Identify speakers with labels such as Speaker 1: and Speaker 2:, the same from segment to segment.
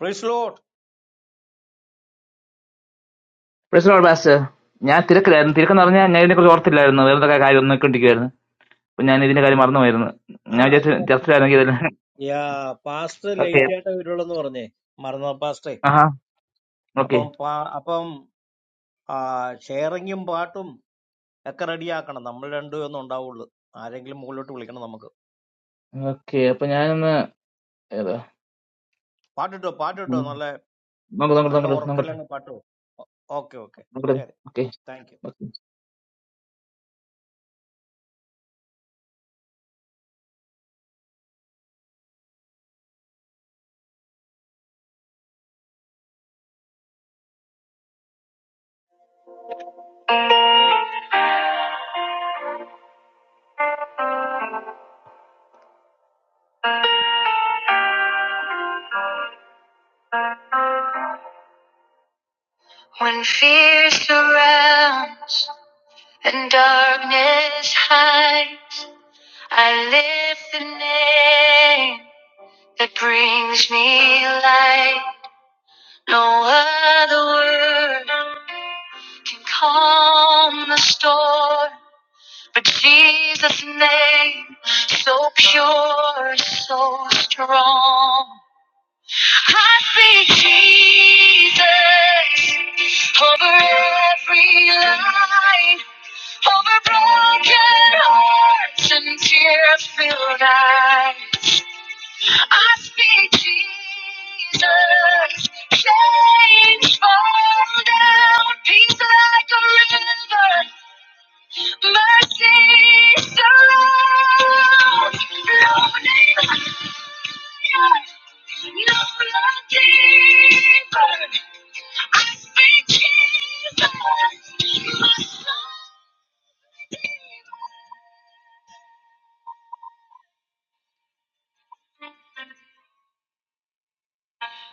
Speaker 1: Praise the Lord.
Speaker 2: Pressure or what sir? Yeah, Tirakalayan. Tirakalayan. Yeah, I need to go to work today. No, I don't have a car. I don't need to take it. No, I need to go to work tomorrow. No, I
Speaker 1: Ah,
Speaker 2: just
Speaker 1: so-
Speaker 2: just try to get it.
Speaker 1: Yeah, Pastor
Speaker 2: Okay.
Speaker 1: Lateyata Virulanuorane, Maranatha Pastor.
Speaker 2: Aha.
Speaker 1: Apam
Speaker 2: Okay.
Speaker 1: apam sharing him baatum ekaradiya kanna. Namalalendo yonu ondau arangli mooloto ulikanna namak.
Speaker 2: Okay. So, yeah, I'm.
Speaker 1: Party to party to nalla nalla orukkela nna pato. Okay, okay. Share. it. Thank you.
Speaker 2: Okay. calm the storm. But Jesus' name, so pure, so strong. I speak Jesus over every line, over broken hearts and tear-filled eyes. I speak Jesus, chains fall down, peace like a river. Mercy surrounds, loading higher, no love deeper. I speak Jesus, my soul redeemer.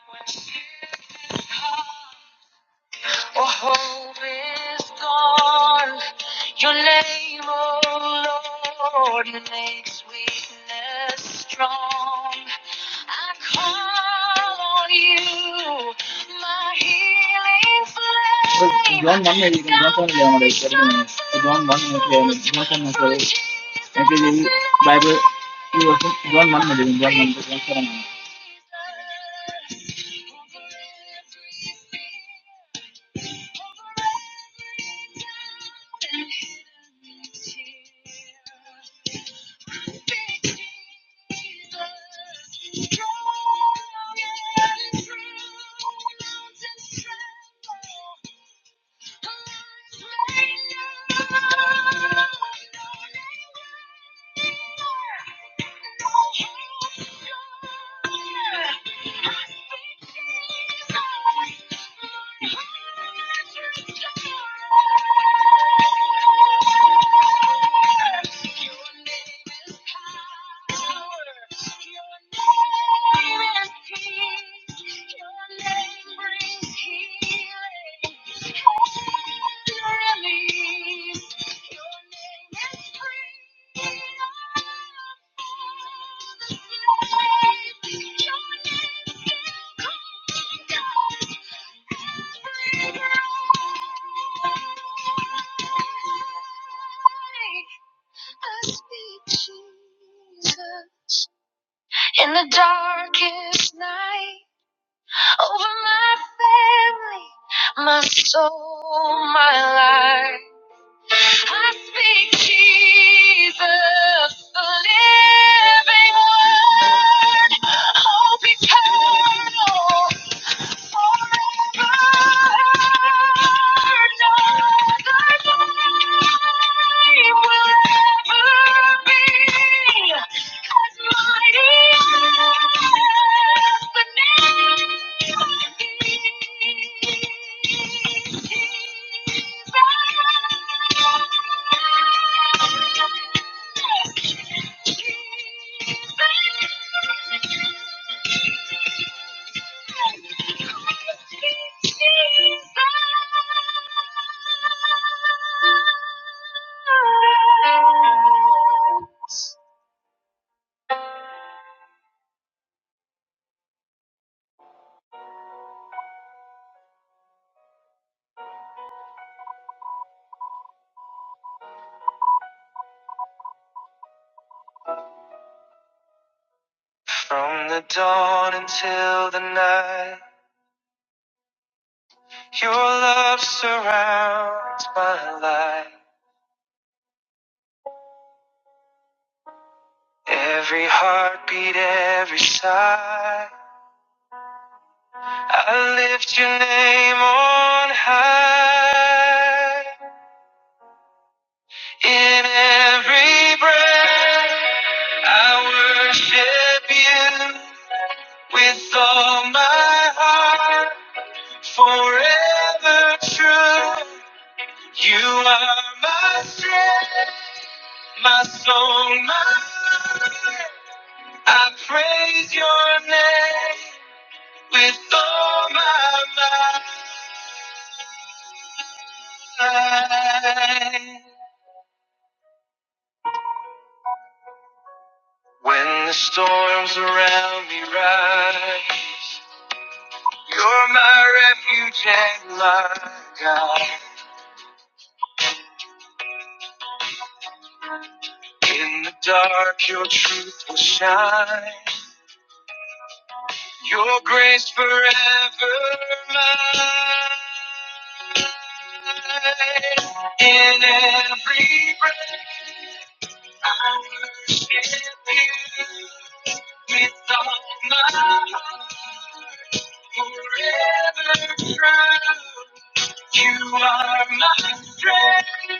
Speaker 2: When Jesus calls. For hope is gone. Your name, oh Lord, makes weakness strong. I call on you, my healing flame. John 1 में लेकिन John 1 ले हमारे इधर भी नहीं है। तो John 1 में से John 1 में से क्योंकि ये बाइबल ये वर्षन John 1 में लेकिन John 1 में से John 1 में Your name is power. I speak Jesus. In the darkest night, over my family, my soul, my life. I speak Jesus, the living word, hope eternal. Thank you. From the dawn until the night, your love surrounds my life. Every heartbeat, every sigh, I lift your name on high. In every breath, I worship you with all my heart, forever true. You are my strength, my soul, my life. I praise your name with all my mind. When the storms around me rise. You're my refuge and my God. In the dark, your truth will shine. Your grace forever mine. In every breath, I worship you with all my heart. Forever true, you are my strength.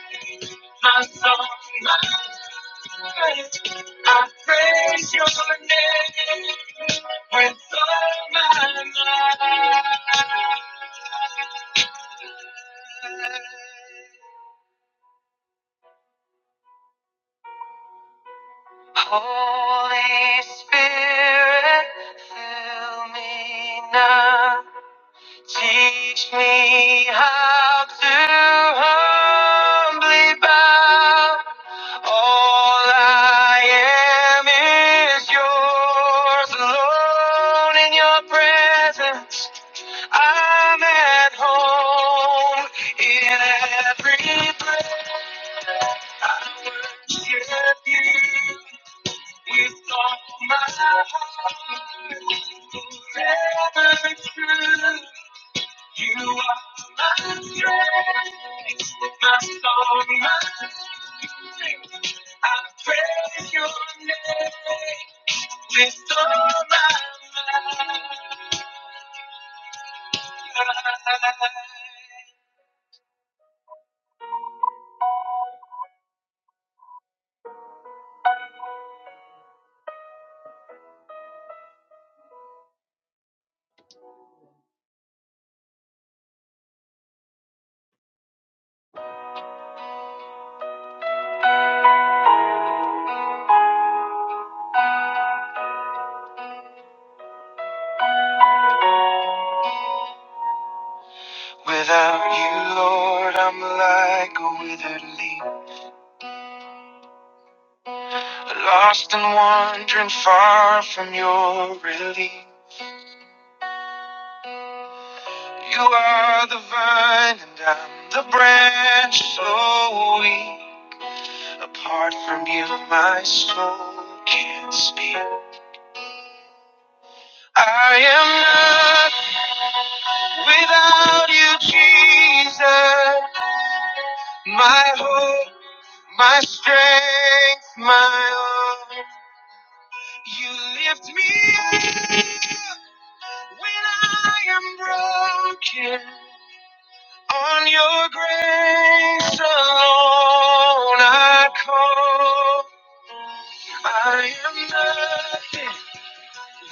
Speaker 2: my song, my life. I praise your name with all my might. Holy Spirit, fill me now. Teach me how to humbly bow. All I am is yours alone in your presence. I'm at home in every breath. I worship you with all my heart. Forever true. You are my strength, my song, my strength. I praise your name with all my might. Without you, Lord, I'm like a withered leaf, lost and wandering far from your relief. You are the vine and I'm the branch, so weak. Apart from you, my soul can't speak. I am nothing without you, Jesus. My hope, my strength, my all. You lift me up when I am broken. On your grace alone I call. I am nothing.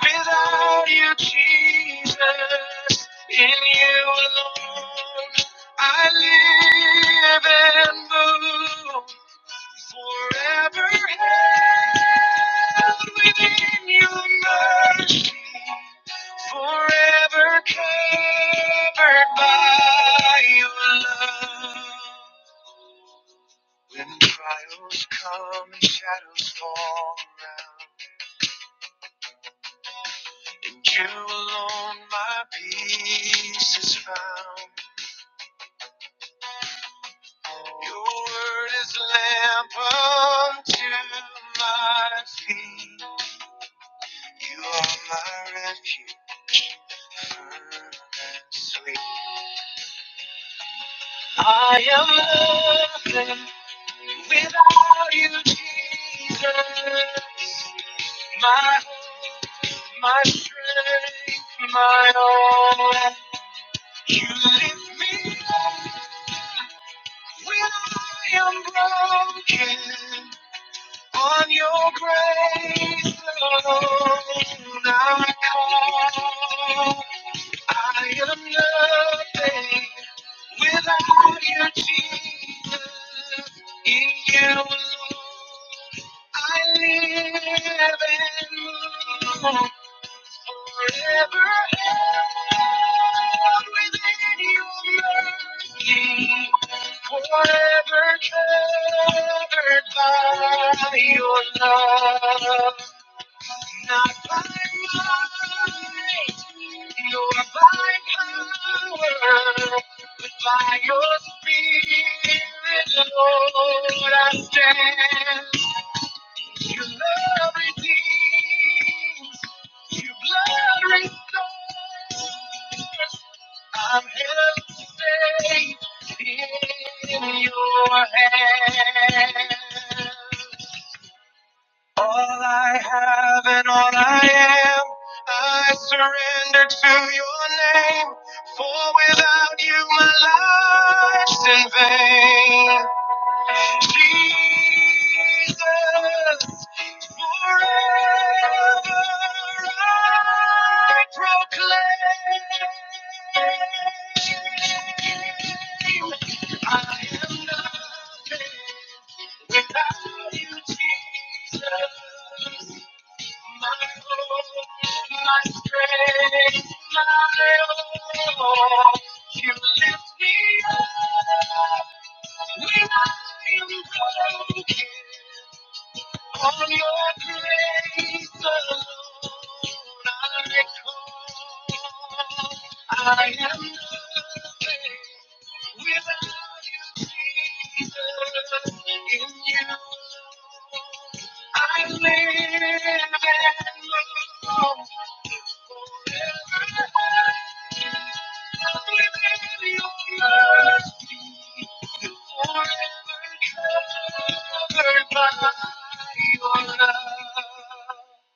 Speaker 2: Without you, Jesus, in you alone, I live and move forever held within your mercy, forever covered by your love. When trials come and shadows fall around. In you alone my peace is found. Your word is lamp unto my feet. You are my refuge, firm and sweet. I am nothing without you, Jesus. My hope, my strength, my all. You lift me up. When I am broken on your grace alone, I call. I am nothing without you, Jesus. In you alone, I live and move forever held within your mercy, forever covered by your love. Not by might, nor by power, but by your spirit, Lord, I stand. Your love redeems. Your blood restores. I'm held safe in your hands. All I have and all I am, I surrender to your name. For without you, my life's in vain. Jesus, forever I proclaim. I am nothing without you, Jesus. I am nothing without you, Jesus, in you. How Quiet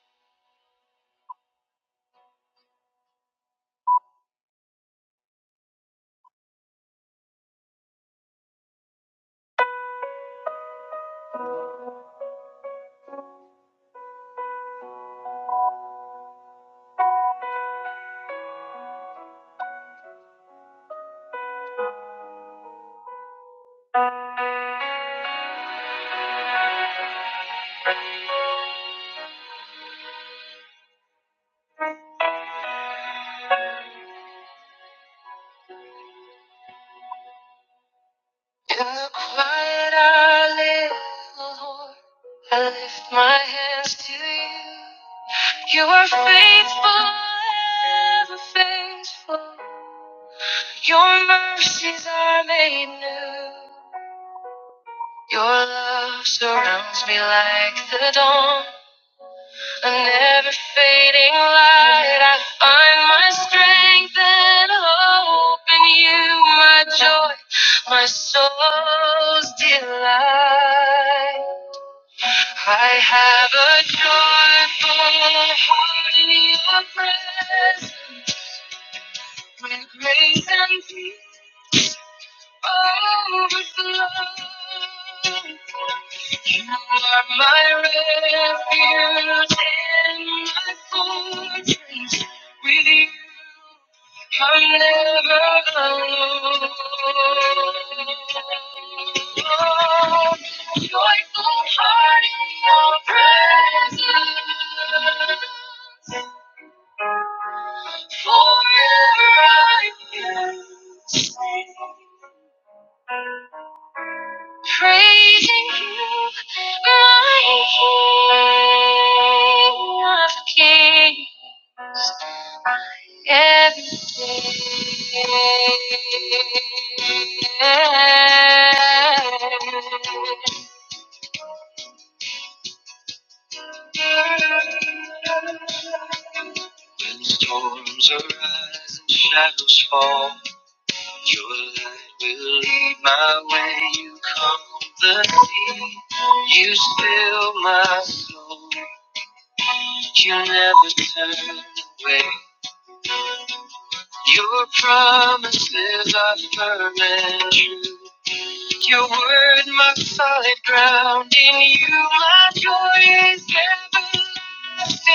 Speaker 2: I live, Lord. I lift my hands to you. You are faithful, ever faithful. Your mercies are made new. Your love surrounds me like the dawn. A never fading light. I find my strength and hope in you, my joy, my soul's delight. I have a joyful heart in your presence. With grace and peace. You are my refuge and my fortress. With you, I'm never alone. Joyful heart in your presence. Forever I can sing praising you, my King of Kings, my everything. When storms arise and shadows fall. Your light will lead my way. You calm the sea. You still my soul. You never turn away. Your promises are firm and true. Your word, my solid ground. In you, my joy is everlasting.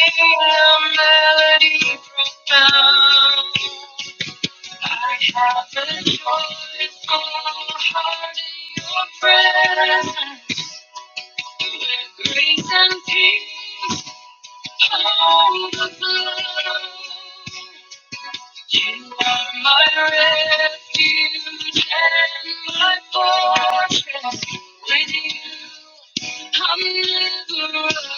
Speaker 2: A melody profound. I have a joyful heart in your presence. With grace and peace, overflow. You are my refuge and my fortress. With you, I'm never alone.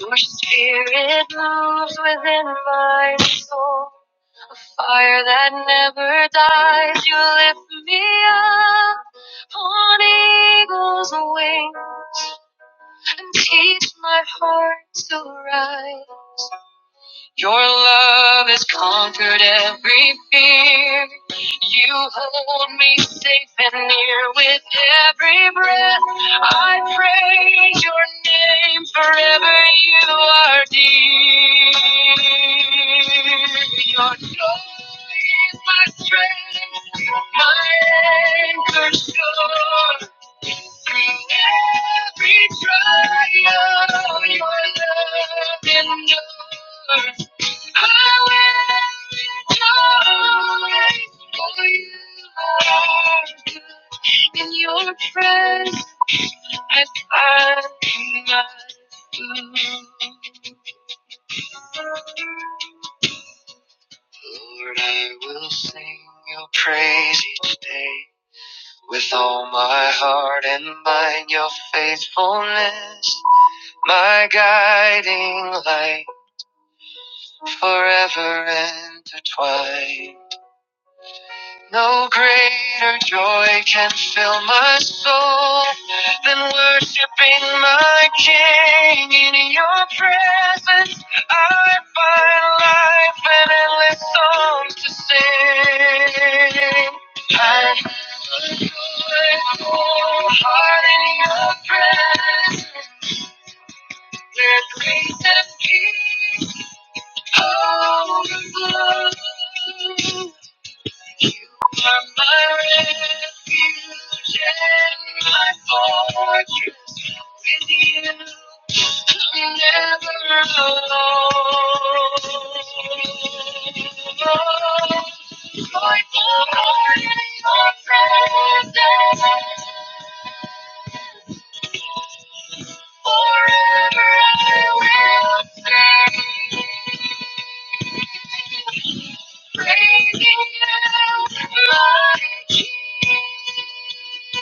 Speaker 2: Your spirit moves within my soul. Fire that never dies, you lift me up on eagle's wings and teach my heart to rise. Your love has conquered every fear. You hold me safe and near with every breath. I praise your name forever. You are dear. Your joy is my strength, my anchor sure. Through every trial, your love endures. In your presence, I find my food. Lord, I will sing your praise each day. With all my heart and mind, your faithfulness, my guiding light, forever intertwined. No greater joy can fill my soul than worshiping my King. In your presence, I find life and endless songs to sing. I have a joyful heart in your presence, where grace and peace overflow. You are my refuge and my fortress. With you, I'm never alone. Joyful heart in your presence. Forever I will sing. Praising you, my King. Out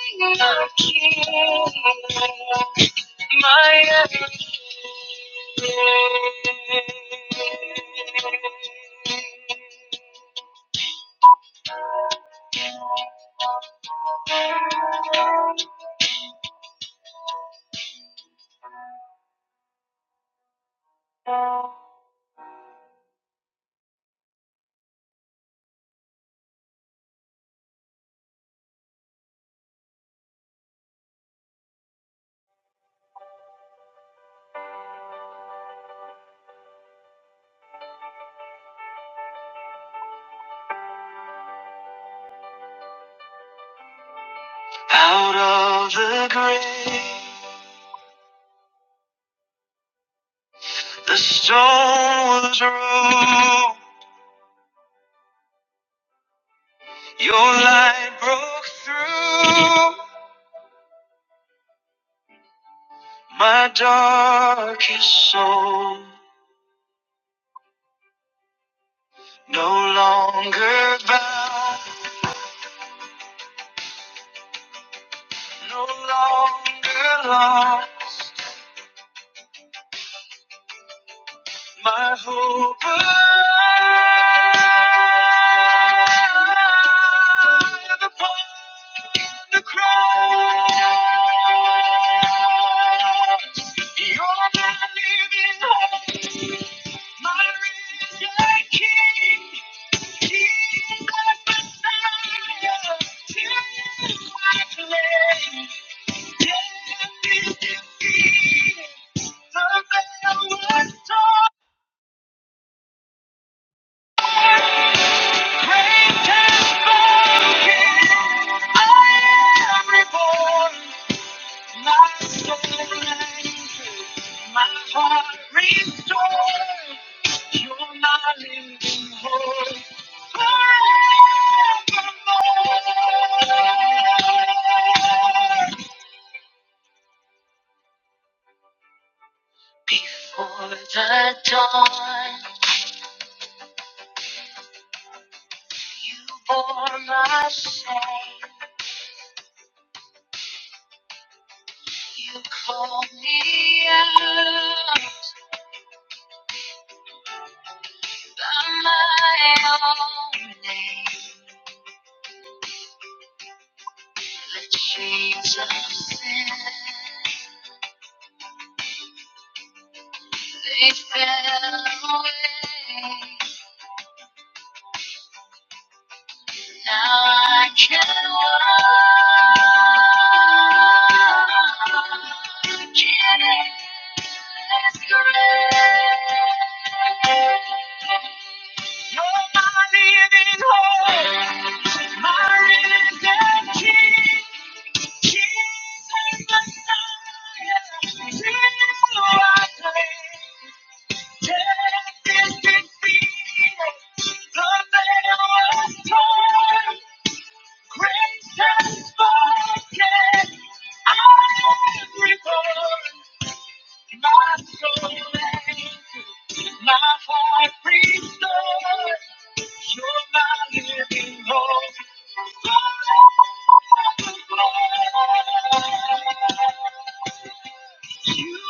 Speaker 2: of the grave, the stone was rolled. Your light broke through my darkest soul. No longer bound, no longer lost. My hope above upon the cross. You're my living hope, my risen King, Jesus Messiah, take my place. Death is defeated, the veil was torn. Great and spoken, I am reborn. My soul anchored, my heart restored. You're my living hope forevermore. Before the dawn, you bore my shame. You called me out. By my own name, the chains of sin, they fell away. Now I can walk in endless grace. You're mine in hope, my risen King. Thank you.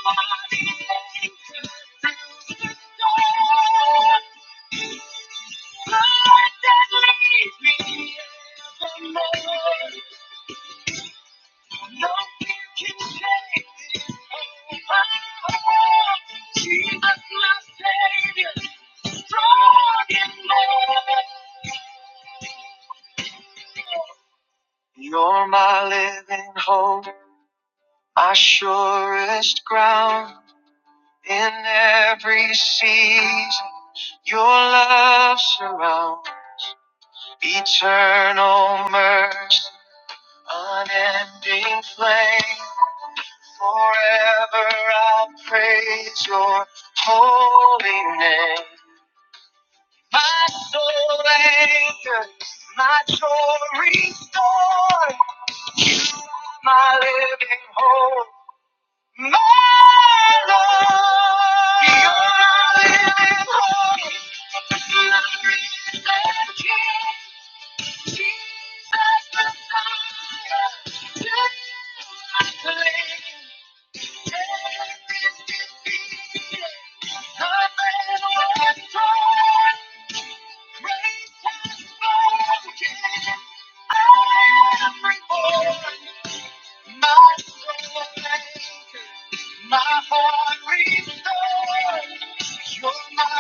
Speaker 2: are the anchor. Jesus, my Savior, strong You're my living hope, my surest ground in every season. Your love surrounds eternal mercy. Unending flame, forever I praise your holy name. My soul anchor, my joy restored, my living hope, my Lord. You're my living hope, my risen King, Jesus Messiah. To you I cling. My heart restored. You're my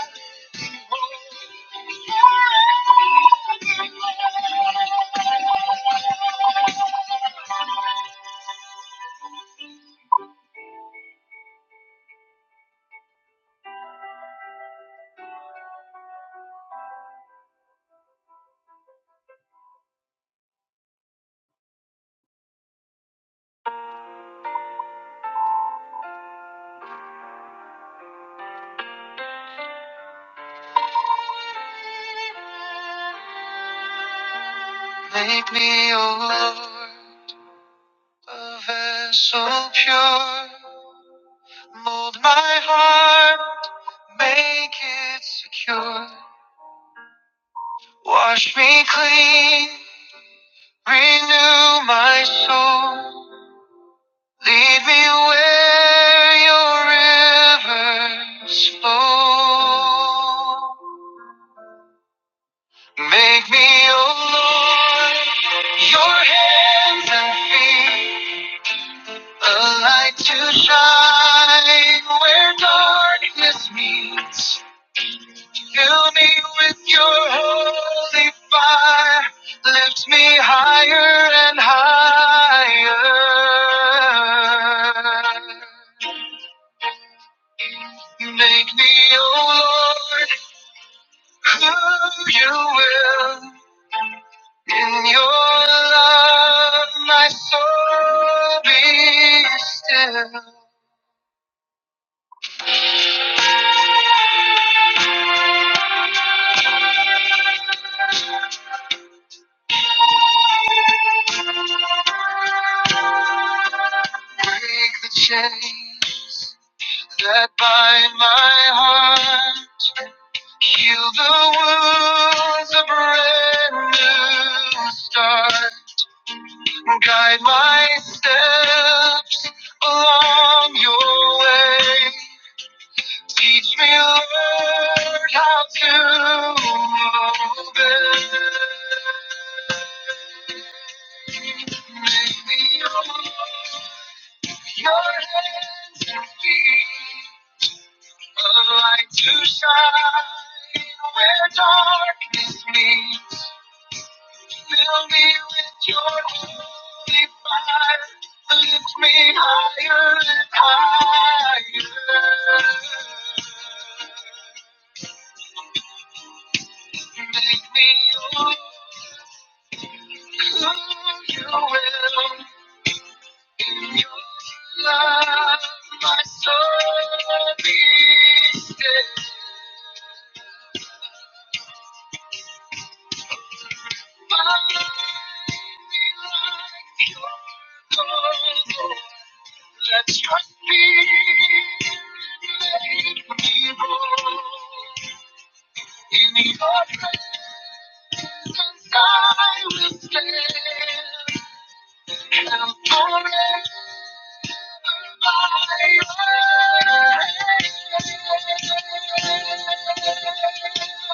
Speaker 2: living hope. Make me your a vessel pure. Mold my heart Make it secure. Wash me clean. Renew my soul. Lead me where your rivers flow. Make me, oh Lord, your hands and feet. A light to shine where darkness meets. Fill me with your holy fire. Lift me higher and higher. Make me, oh Lord, who you will. In your love, my soul be still. Break the chains that bind my heart. Heal the wounds, a brand new start. Guide my steps along your way. Teach me, Lord, how to obey. Make me yours. Your hands and feet, a light to shine where darkness meets. Fill me with your holy fire, lift me higher and higher. Make me who you will. In your love, my soul be still. Let your spirit make me bold. In your presence I will stand and forever I will.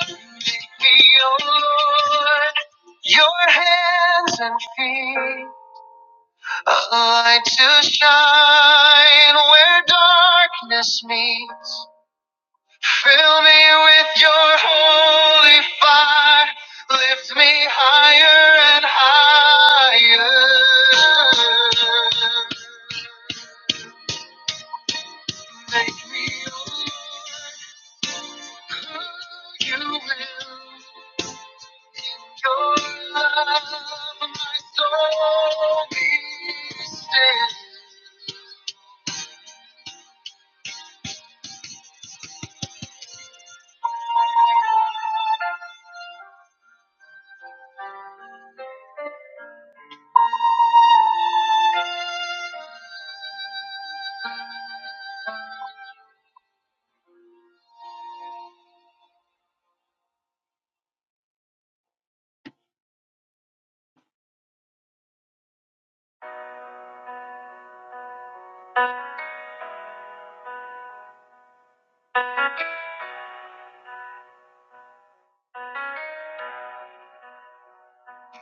Speaker 2: Make me, O Lord, your hands and feet. A light to shine where darkness meets. Fill me with your holy fire. Lift me higher and higher. Make me who you will. In your love, my soul be still.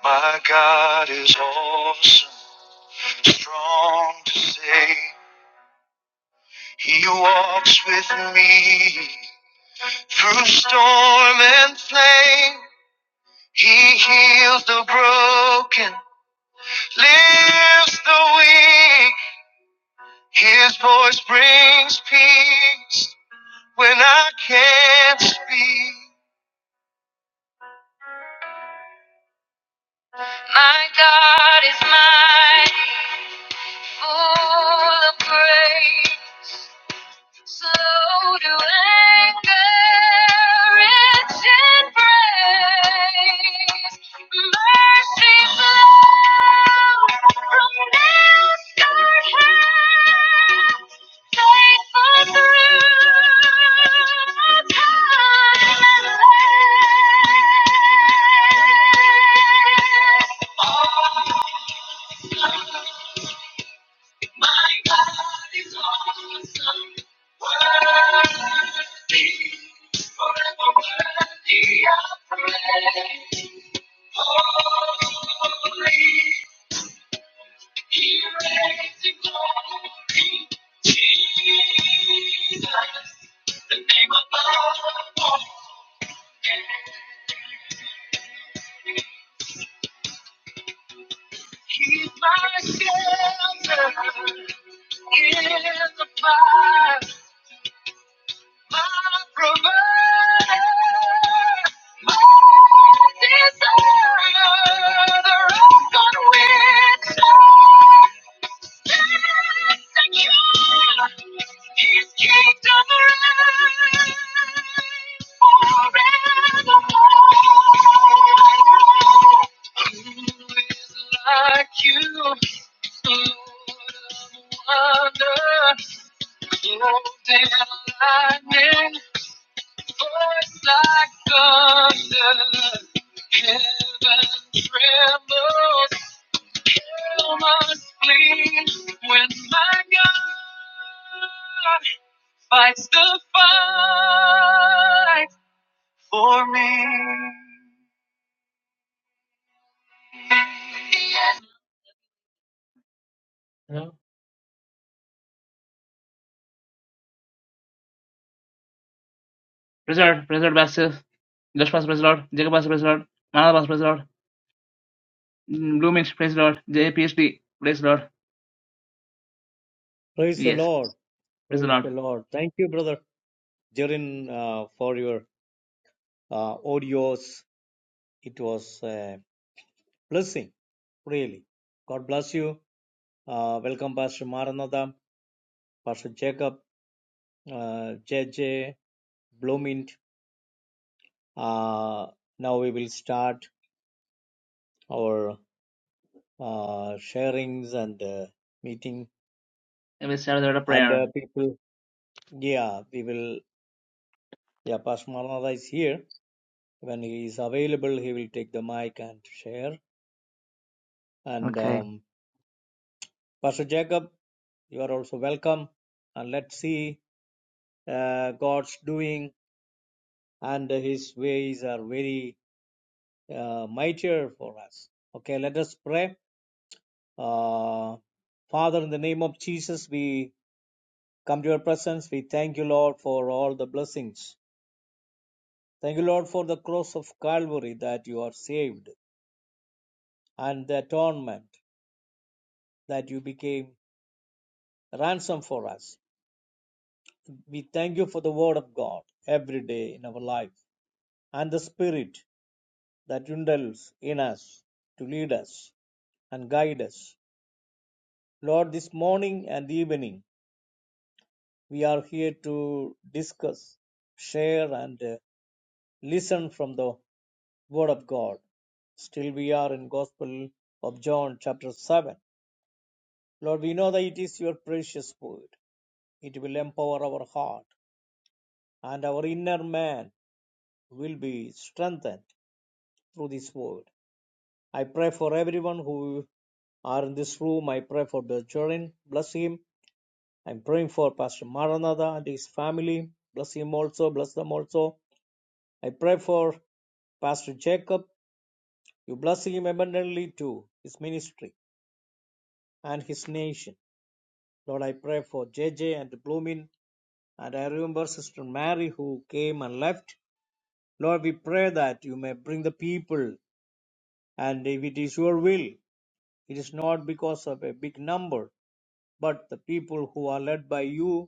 Speaker 2: My God is awesome. strong to say he walks with me through storm and flame he heals the broken lifts the weak his voice brings peace when i can't speak my god is mighty full of grace Slow to anger, rich in praise. Mercy flow from discard hands. Faithful through time and land. My God is awesome, worthy, forever worthy of praise. Holy, He reigns in glory. Jesus, the name above all. He's my shelter in the fire. Like you, Lord of wonders, Lord of lightning voice like thunder. Heaven trembles. Hell must flee when my God fights the fight for me. Praise the Lord, praise the Lord, Basil. Josh Pastor, praise the Lord. Jacob Pastor, praise the Lord. Manal Pastor, praise the Lord. Mm, Bloomich, praise the Lord. J PhD, praise the Lord.
Speaker 1: Praise the
Speaker 2: Yes,
Speaker 1: Lord.
Speaker 2: praise the
Speaker 1: Praise
Speaker 2: Lord.
Speaker 1: the Lord. Thank you, brother Jiren, for your uh, audios. It was a blessing, really. God bless you. Uh, Welcome, Pastor Maranatha. Pastor Jacob, uh, JJ, Bloomint. Uh, now we will start our uh, sharings and uh, meeting.
Speaker 2: Let me start with a
Speaker 1: And uh,
Speaker 2: prayer.
Speaker 1: people, yeah, we will, yeah, Pastor Maranatha is here. When he is available, he will take the mic and share. And
Speaker 2: Okay.
Speaker 1: um, Pastor Jacob, you are also welcome. And let's see uh, God's doing, and his ways are very uh, mightier for us. Okay, let us pray Uh, Father, in the name of Jesus, we come to your presence. We thank you, Lord, for all the blessings. Thank you, Lord, for the cross of Calvary that you are saved and the atonement that you became ransom for us. We thank you for the word of God every day in our life and the spirit that indwells in us to lead us and guide us. Lord, this morning and evening we are here to discuss, share, and uh, Listen from the Word of God. Still, we are in Gospel of John, chapter 7. Lord, we know that it is your precious word. It will empower our heart, and our inner man will be strengthened through this word. I pray for everyone who are in this room. I pray for the children. Bless him. I'm praying for Pastor Maranatha and his family. Bless him also. Bless them also. I pray for Pastor Jacob. You bless him abundantly too, his ministry. and his nation. Lord, I pray for JJ and Bloomin. And I remember Sister Mary who came and left. Lord, we pray that you may bring the people, and if it is your will, it is not because of a big number, but the people who are led by you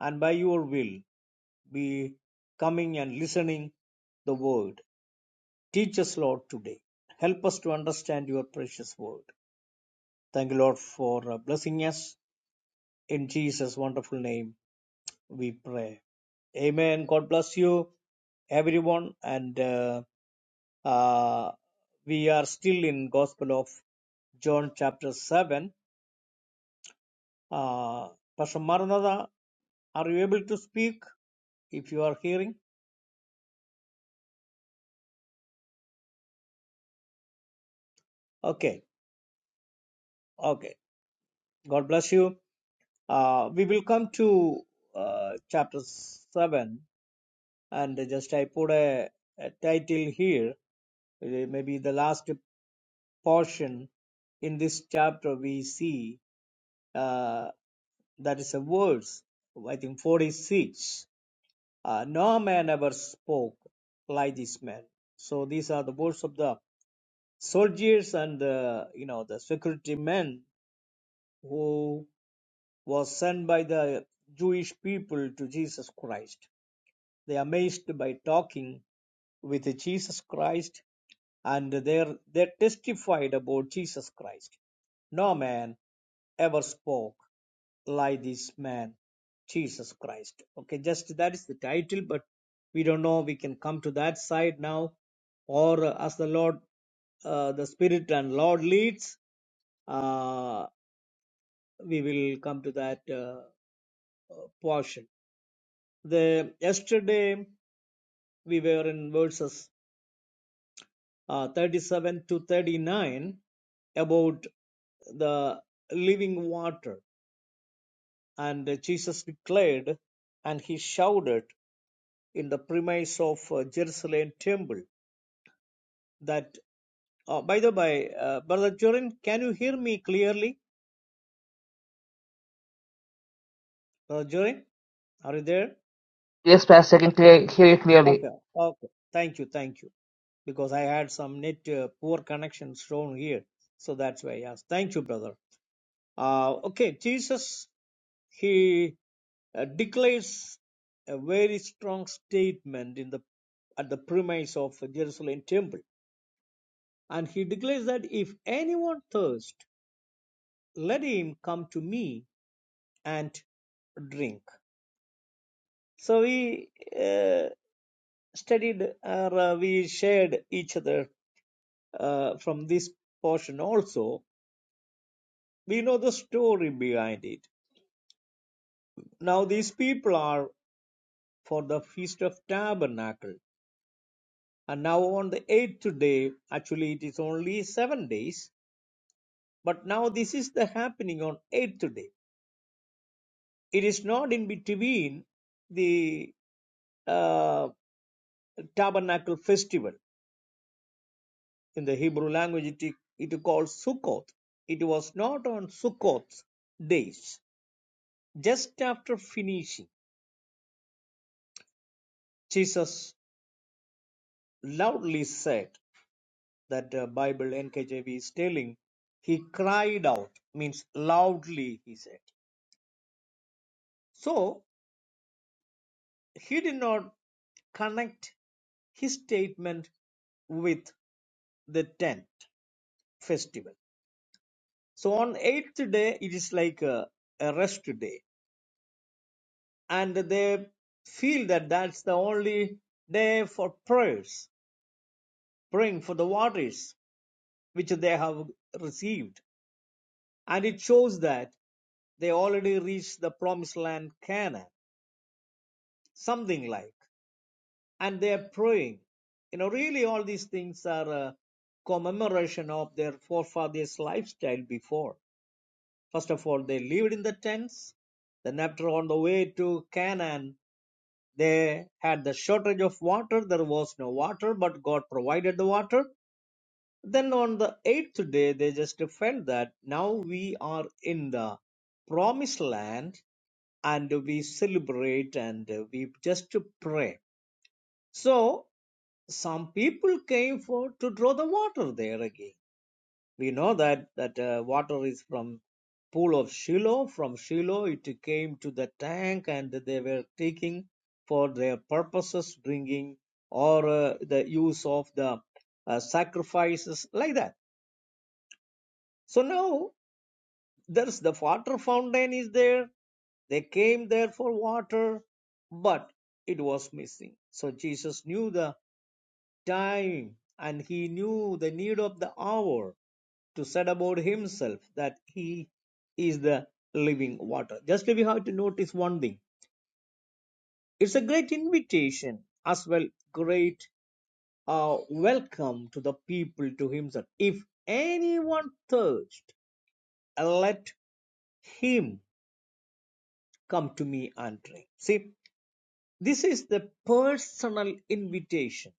Speaker 1: and by your will be coming and listening the word. Teach us, Lord, today. Help us to understand your precious word. Thank you, Lord, for uh, blessing us. In Jesus' wonderful name, we pray. Amen. God bless you, everyone. And uh, uh, we are still in Gospel of John, chapter 7. Uh, Pastor Maranatha, are you able to speak if you are hearing? Okay. Okay. God bless you. Uh, we will come to uh, chapter 7. And just I put a, a title here, uh, maybe the last portion in this chapter we see. Uh, That is a verse, I think 46. Uh, no man ever spoke like this man. So these are the words of the soldiers and the, you know, the security men who was sent by the Jewish people to Jesus Christ. They are amazed by talking with Jesus Christ and they they testified about Jesus Christ. No man ever spoke like this man, Jesus Christ. Okay, just that is the title, but we don't know. We can come to that side now, or uh, as the Lord, uh, the Spirit and Lord leads, uh, we will come to that uh, uh, portion. The yesterday we were in verses uh, 37 to 39 about the living water, and Jesus declared, and he shouted in the premise of uh, Jerusalem temple. That, uh, by the by, uh, Brother Jorin, can you hear me clearly? Brother Jorin, are you there?
Speaker 2: Yes, Pastor, I can clear, hear you clearly.
Speaker 1: Okay, okay. Thank you, thank you. Because I had some net uh, poor connections shown here. So that's why, yes. Thank you, brother. Uh, okay, Jesus, he uh, declares a very strong statement in the at the premise of Jerusalem temple. And he declares that if anyone thirst, let him come to me and drink. So we uh, studied or uh, we shared each other uh, from this portion also. We know the story behind it. Now these people are for the Feast of Tabernacle. And now on the eighth day, actually it is only seven days, but now this is the happening on eighth day. It is not in between the uh, tabernacle festival In the Hebrew language, it, it called Sukkoth. It was not on Sukkoth's days. Just after finishing, Jesus loudly said that the Bible NKJV is telling, he cried out, means loudly, he said. So he did not connect his statement with the tenth festival. So on eighth day, it is like a, a rest day and they feel that that's the only day for prayers, praying for the waters which they have received. And it shows that they already reached the promised land, Canaan, something like, and they are praying. You know, really, all these things are a commemoration of their forefathers' lifestyle before. First of all, they lived in the tents. Then, after on the way to Canaan, they had the shortage of water there was no water but god provided the water then on the eighth day they just felt that now we are in the promised land and we celebrate and we just pray so some people came for to draw the water there again we know that that uh, water is from pool of shiloh from shiloh it came to the tank and they were taking for their purposes drinking or uh, the use of the uh, sacrifices like that so now there's the water fountain is there they came there for water but it was missing so jesus knew the time and he knew the need of the hour to said about himself that he is the living water. Just we have to notice one thing. It's a great invitation as well, great uh, welcome to the people to himself. If anyone thirst, let him come to me and drink. See, this is the personal invitation.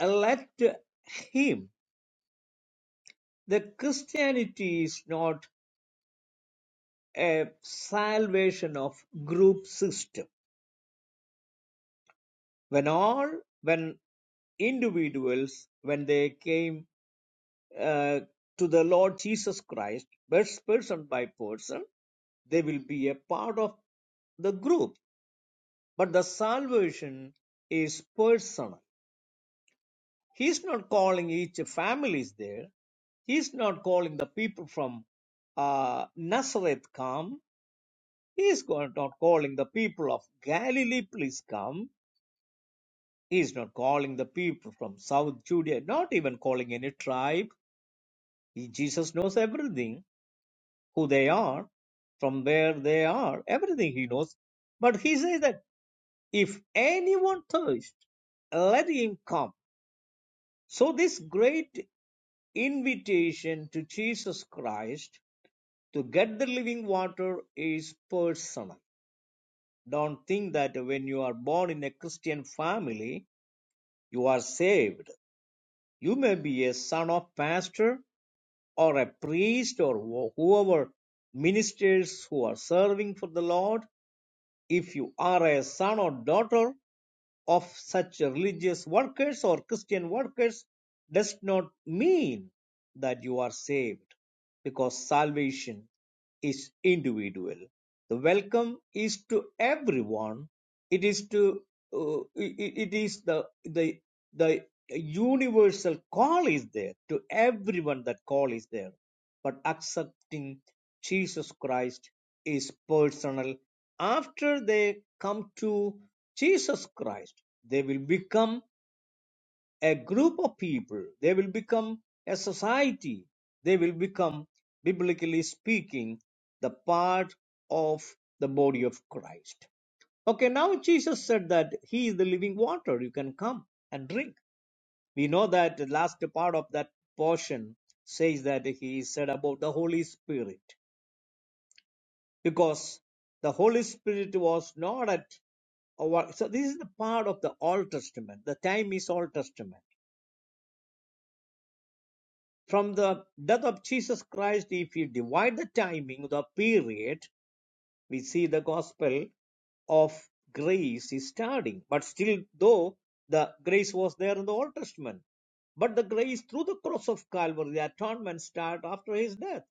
Speaker 1: Let him. That Christianity is not a salvation of group system when all when individuals when they came uh, to the lord jesus christ person by person they will be a part of the group but the salvation is personal he's not calling each families there he's not calling the people from uh, nazareth come he's go- not calling the people of galilee please come He is not calling the people from South Judea, not even calling any tribe. He- Jesus knows everything, who they are, from where they are, everything he knows. But he says that if anyone thirsts, let him come. So, this great invitation to Jesus Christ to get the living water is personal. Don't think that when you are born in a Christian family, you are saved. You may be a son of pastor or a priest or whoever ministers who are serving for the Lord, if you are a son or daughter of such religious workers or Christian workers, does not mean that you are saved because salvation is individual. The welcome is to everyone. It is to uh, it it is the the the universal call is there to everyone. That call is there but accepting Jesus Christ is personal. After they come to Jesus Christ, they will become a group of people, they will become a society, they will become, biblically speaking, the part of the body of Christ. Okay, now Jesus said that He is the living water, you can come and drink. We know that the last part of that portion says that He said about the Holy Spirit. because the Holy Spirit was not at our. So this is the part of the Old Testament. The time is Old Testament. From the death of Jesus Christ, if you divide the timing, the period, we see the gospel of grace is starting. But still, though the grace was there in the Old Testament, but the grace through the cross of Calvary, the atonement start after his death.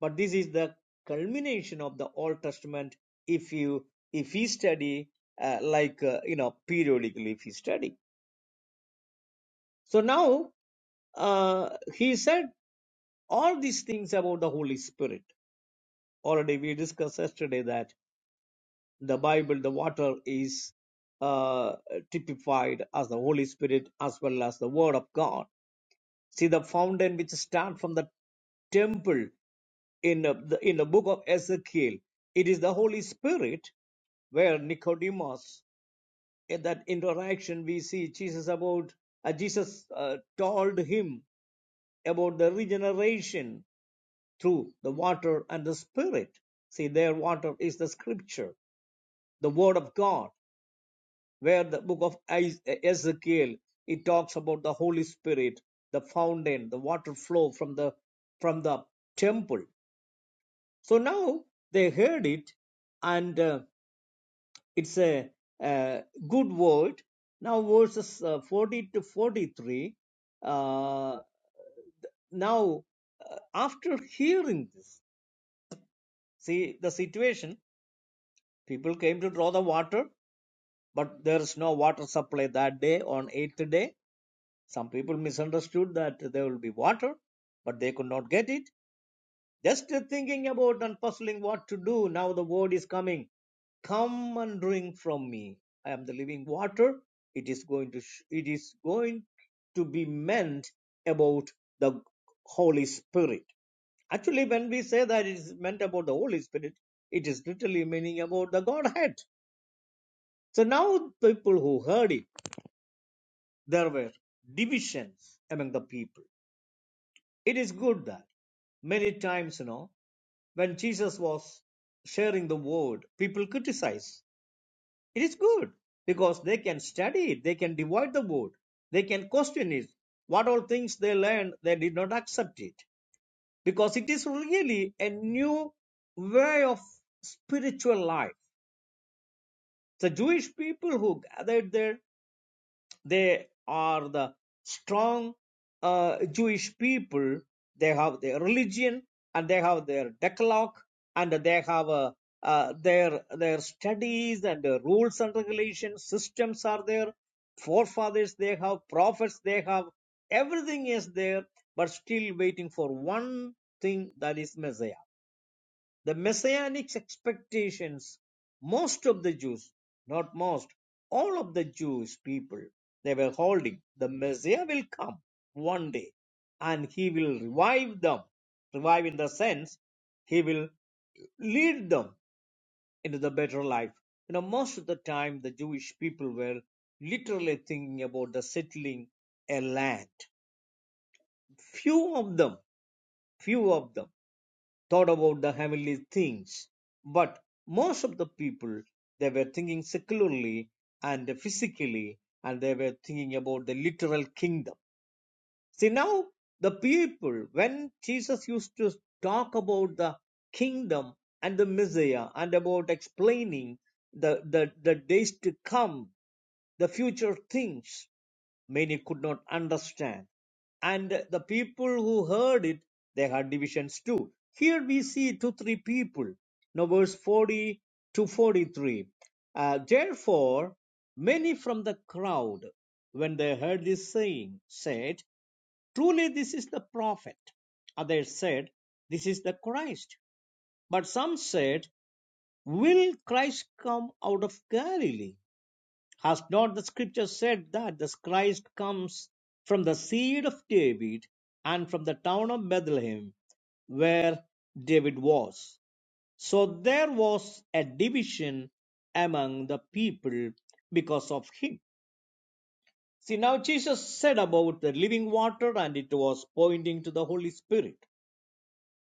Speaker 1: But this is the culmination of the Old Testament if you if we study uh, like uh, you know periodically if we study. So now uh, he said all these things about the Holy Spirit. Already we discussed yesterday that the Bible, the water is uh, typified as the Holy Spirit as well as the Word of God. See the fountain which start from the temple in uh, the, in the book of Ezekiel. It is the Holy Spirit where Nicodemus, in that interaction, we see Jesus about uh, Jesus uh, told him about the regeneration through the water and the Spirit. See, their water is the Scripture, the Word of God. Where the book of Is- uh, Ezekiel it talks about the Holy Spirit, the fountain, the water flow from the from the temple So now they heard it, and uh, it's a, uh good word. Now, verses uh, 40 to 43. Uh, now, uh, after hearing this, see the situation, people came to draw the water, but there is no water supply that day on eighth day. Some people misunderstood that there will be water, but they could not get it. Just thinking about and puzzling what to do. Now the word is coming come and drink from me i am the living water it is going to sh- it is going to be meant about the holy spirit actually when we say that it is meant about the holy spirit it is literally meaning about the godhead so now people who heard it there were divisions among the people it is good that many times you know when jesus was sharing the word people criticize It is good because they can study it, they can divide the word, they can question it. What all things they learned, they did not accept it because it is really a new way of spiritual life. The Jewish people who gathered there they are the strong uh, Jewish people. They have their religion and they have their decalogue and they have uh, uh, their their studies and uh, rules and regulations. Systems are there. Forefathers they have. Prophets they have. Everything is there, but still waiting for one thing that is Messiah the messianic expectations most of the jews not most all of the jewish people they were holding the messiah will come one day and he will revive them revive in the sense he will lead them into the better life you know most of the time the jewish people were literally thinking about the settling a land few of them few of them thought about the heavenly things. But most of the people, they were thinking secularly and physically, and they were thinking about the literal kingdom. See, now the people, when Jesus used to talk about the kingdom and the Messiah and about explaining the, the, the days to come, the future things, many could not understand and the people who heard it they had divisions too here we see two three people now verse 40 to 43 Uh, therefore many from the crowd when they heard this saying said truly this is the prophet others said this is the christ but some said will christ come out of galilee has not the scripture said that this Christ comes from the seed of David and from the town of Bethlehem where David was? So there was a division among the people because of him. See, now Jesus said about the living water and it was pointing to the Holy Spirit.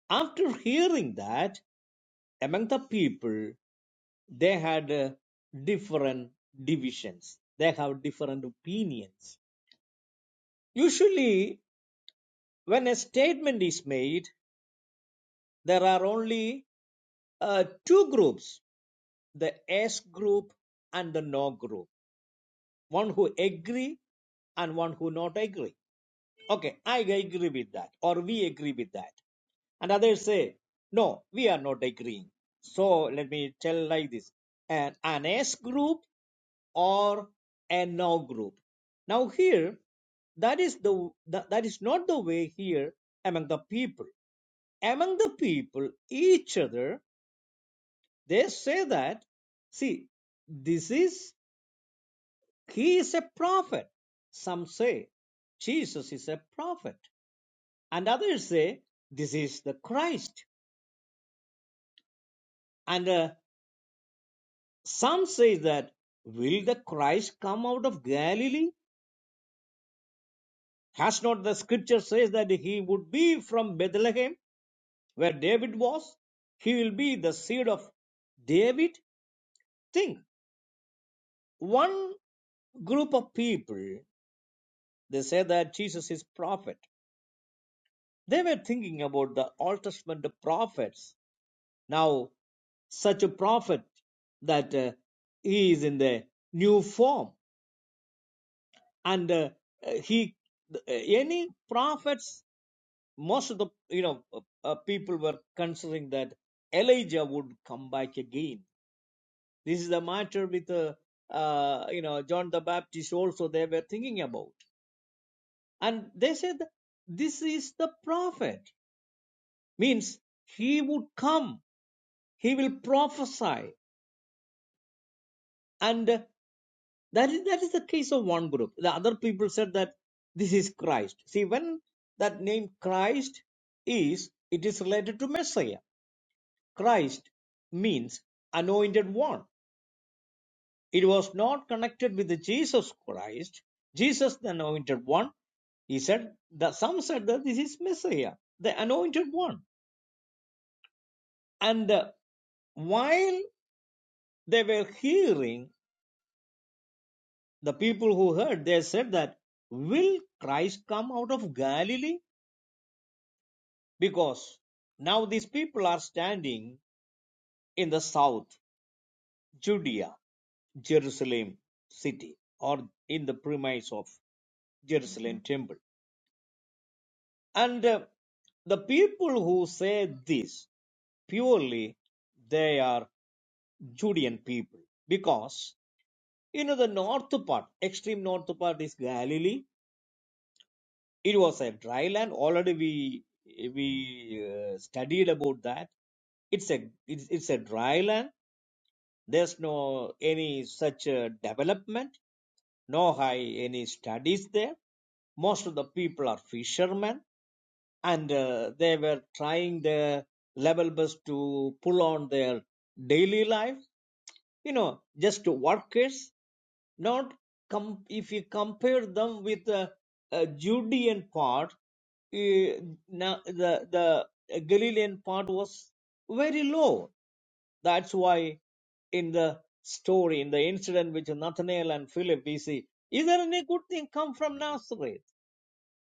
Speaker 1: After hearing that, among the people, they had uh, different divisions, they have different opinions Usually, when a statement is made, there are only uh, two groups the S group and the no group one who agree and one who not agree okay i agree with that or we agree with that and others say no we are not agreeing so let me tell like this an, an s group or a no group now here that is the that, that is not the way here among the people among the people each other they say that see this is he is a prophet some say jesus is a prophet and others say this is the christ and uh, some say that will the christ come out of galilee has not the scripture says that he would be from bethlehem where david was he will be the seed of david think one group of people They say that Jesus is prophet. They were thinking about the Old Testament prophets. Now, such a prophet that uh, he is in the new form and uh, uh, he uh, any prophets most of the you know uh, uh, people were considering that elijah would come back again this is the matter with uh, uh, you know john the baptist also they were thinking about and they said this is the prophet means he would come he will prophesy and that is that is the case of one group the other people said that this is christ see when that name christ is it is related to messiah christ means anointed one it was not connected with the jesus christ jesus the anointed one he said that some said that this is messiah the anointed one and uh, while they were hearing the people who heard, they said that, Will Christ come out of Galilee? Because now these people are standing in the south, Judea, Jerusalem city, or in the premise of Jerusalem temple. And uh, the people who say this, purely they are Judean people. Because, you know, the north part, extreme north part is Galilee, it was a dry land already we we uh, studied about that it's a it's, it's a dry land there's no any such uh, development no high any studies there most of the people are fishermen and uh, they were trying their level best to pull on their daily life you know just workers not com- if you compare them with the uh, Judean part, eh, na- the the Galilean part was very low. That's why in the story, in the incident with Nathanael and Philip, we see is there any good thing come from Nazareth?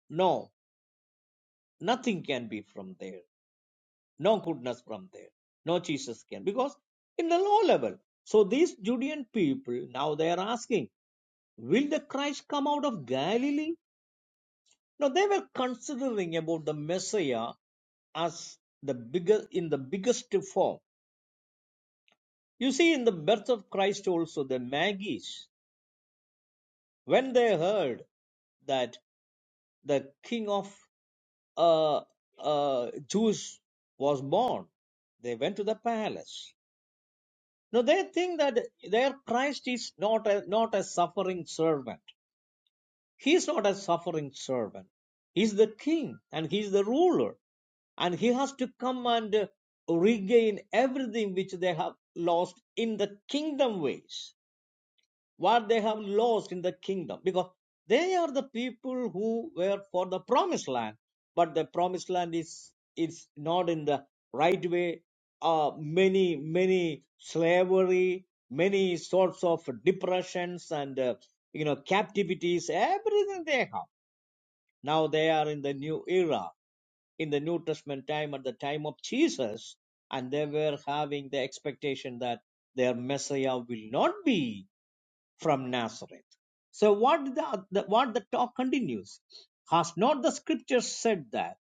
Speaker 1: No, nothing can be from there. No goodness from there. No Jesus can because in the low level. So these Judean people now they are asking, will the Christ come out of Galilee? Now they were considering about the Messiah as the bigger in the biggest form. You see, in the birth of Christ also, the Magi's when they heard that the King of uh, uh, Jews was born, they went to the palace. Now they think that their Christ is not a not a suffering servant. He is not a suffering servant. He is the king and he is the ruler. And he has to come and uh, regain everything which they have lost in the kingdom ways what they have lost in the kingdom because they are the people who were for the promised land but the promised land is is not in the right way uh, many many slavery many sorts of depressions and uh, you know captivities everything they have now they are in the new era in the new testament time at the time of jesus and they were having the expectation that their messiah will not be from Nazareth. So what the, the what the talk continues? Has not the scripture said that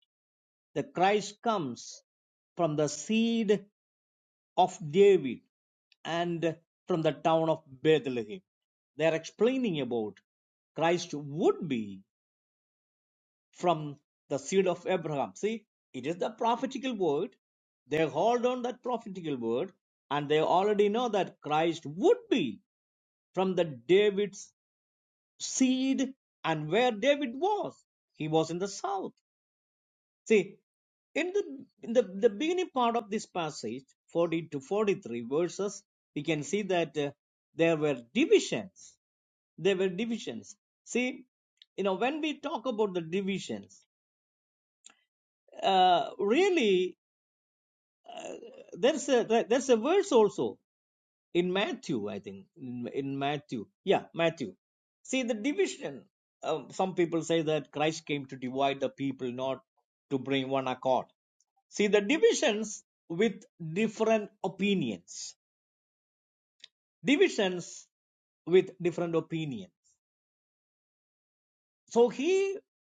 Speaker 1: the Christ comes from the seed of David and from the town of Bethlehem? They are explaining about Christ would be from the seed of Abraham. See, it is the prophetical word. They hold on that prophetical word, and they already know that Christ would be from the David's seed and where David was. He was in the south. See, in the in the, the beginning part of this passage, 40 to 43 verses, we can see that uh, there were divisions. There were divisions. See, you know, when we talk about the divisions, uh, really, there's a there's a verse also. in Matthew, I think, in, in Matthew. Yeah, Matthew. See the division. Um, some people say that Christ came to divide the people, not to bring one accord. See the divisions with different opinions. Divisions with different opinions. So he,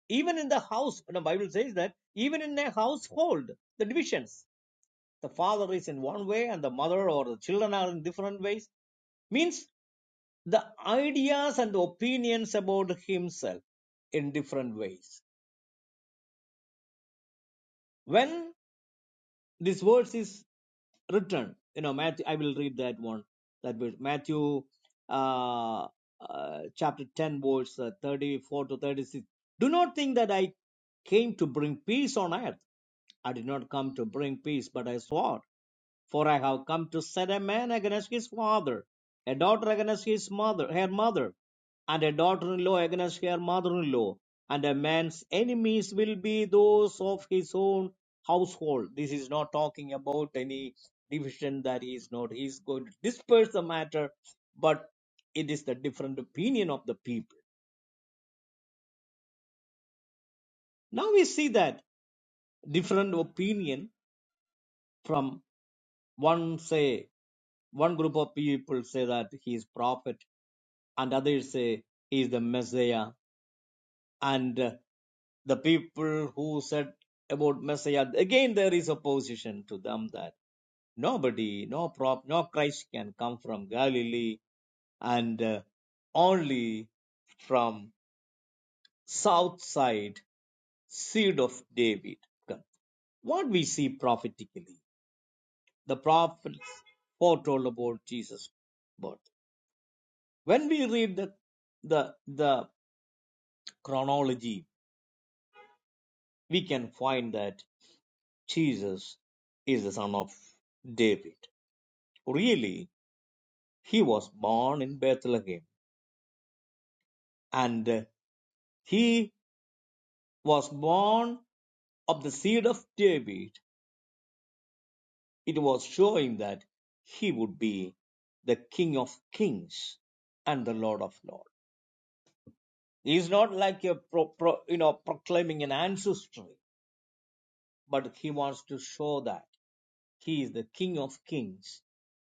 Speaker 1: even in the house, the Bible says that even in a household, the divisions. The father is in one way, and the mother or the children are in different ways. Means the ideas and opinions about himself in different ways. When this verse is written, you know, Matthew, I will read that one, that verse, Matthew uh, uh, chapter 10, verse uh, 34 to 36. Do not think that I came to bring peace on earth. I did not come to bring peace, but a sword. For I have come to set a man against his father, a daughter against his mother, her mother, and a daughter-in-law against her mother-in-law. And a man's enemies will be those of his own household. This is not talking about any division that he is not. He is going to disperse the matter, but it is the different opinion of the people. Now we see that different opinion from one say one group of people say that he is prophet and others say he is the Messiah. And uh, the people who said about Messiah, again there is opposition to them that nobody, no prop, no Christ can come from Galilee and uh, only from south side seed of David. What we see prophetically, the prophets foretold about Jesus' birth. When we read the the the chronology, we can find that. Jesus is the son of David. Really, he was born in Bethlehem, and he was born of the seed of David. It was showing that he would be the King of Kings and the Lord of Lords. He is not like a pro, pro, you know proclaiming an ancestry, but he wants to show that he is the King of Kings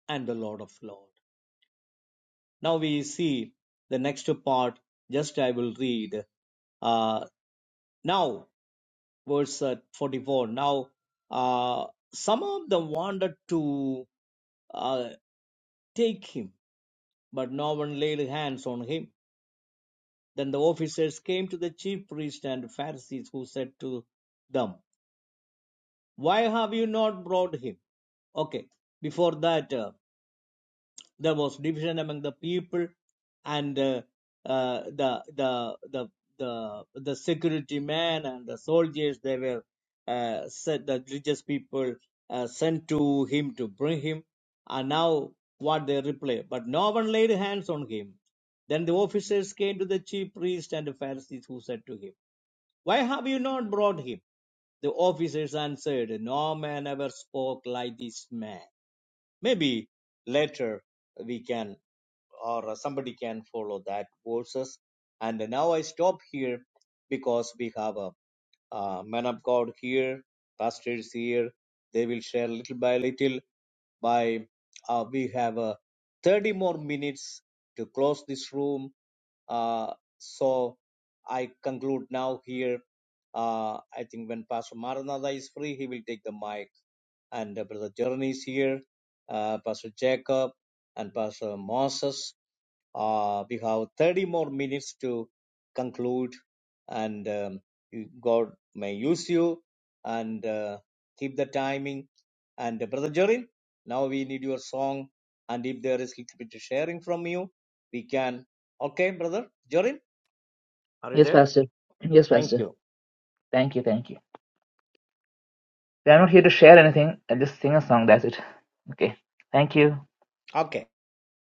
Speaker 1: and the Lord of Lords. Now we see the next part. Just I will read. Uh, now, verse uh, 44. Now, uh, some of them wanted to uh, take him, but no one laid hands on him. Then the officers came to the chief priest and Pharisees, who said to them, Why have you not brought him? Okay, before that. uh, There was division among the people, and uh, uh, the the the the the security men and the soldiers they were uh, said the religious people uh, sent to him to bring him, and now what they reply? But no one laid hands on him. Then the officers came to the chief priest and the Pharisees, who said to him, Why have you not brought him? The officers answered, No man ever spoke like this man. Maybe later we can or uh, somebody can follow that verses. And now I stop here because we have a, uh man of God here, pastors here. They will share little by little. By uh, we have uh, 30 more minutes to close this room. Uh, so I conclude now here. Uh, I think when Pastor Maranatha is free, he will take the mic. And uh, Brother Journey is here, uh, Pastor Jacob, and Pastor Moses. Uh, we have 30 more minutes to conclude, and um, you- God may use you and uh, keep the timing. And uh, Brother Jorin, now we need your song. And if there is little bit sharing from you, we can. Okay, Brother Jorin, are you
Speaker 2: Yes,
Speaker 1: there?
Speaker 2: Pastor. Yes,
Speaker 1: Thank
Speaker 2: Pastor.
Speaker 1: you.
Speaker 2: Thank you, thank you. I'm not here to share anything. I'll just sing a song. That's it. Okay. Thank you.
Speaker 1: Okay.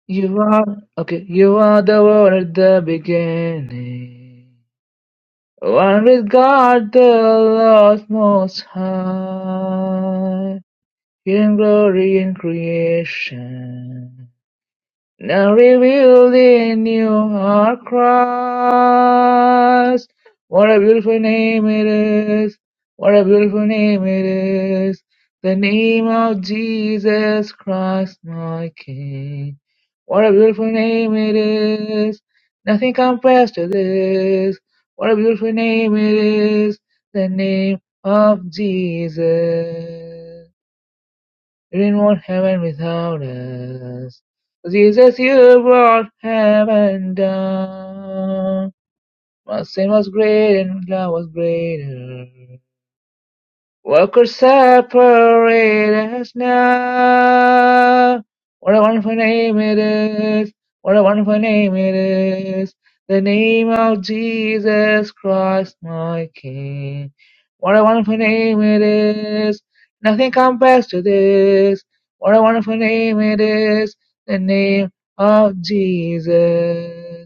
Speaker 2: You are okay. You are the one at the beginning, one with God, the Lord Most High, in glory in creation. Now revealed in you are Christ. What a beautiful name it is. What a beautiful name it is. The name of Jesus Christ, my King. What a beautiful name it is. Nothing compares to this. What a beautiful name it is. The name of Jesus. You won't heaven without us. Jesus, you brought heaven down. My sin was great and love was greater. Workers separate us now. What a wonderful name it is. What a wonderful name it is. The name of Jesus Christ, my King. What a wonderful name it is. Nothing compares to this. What a wonderful name it is. The name of Jesus.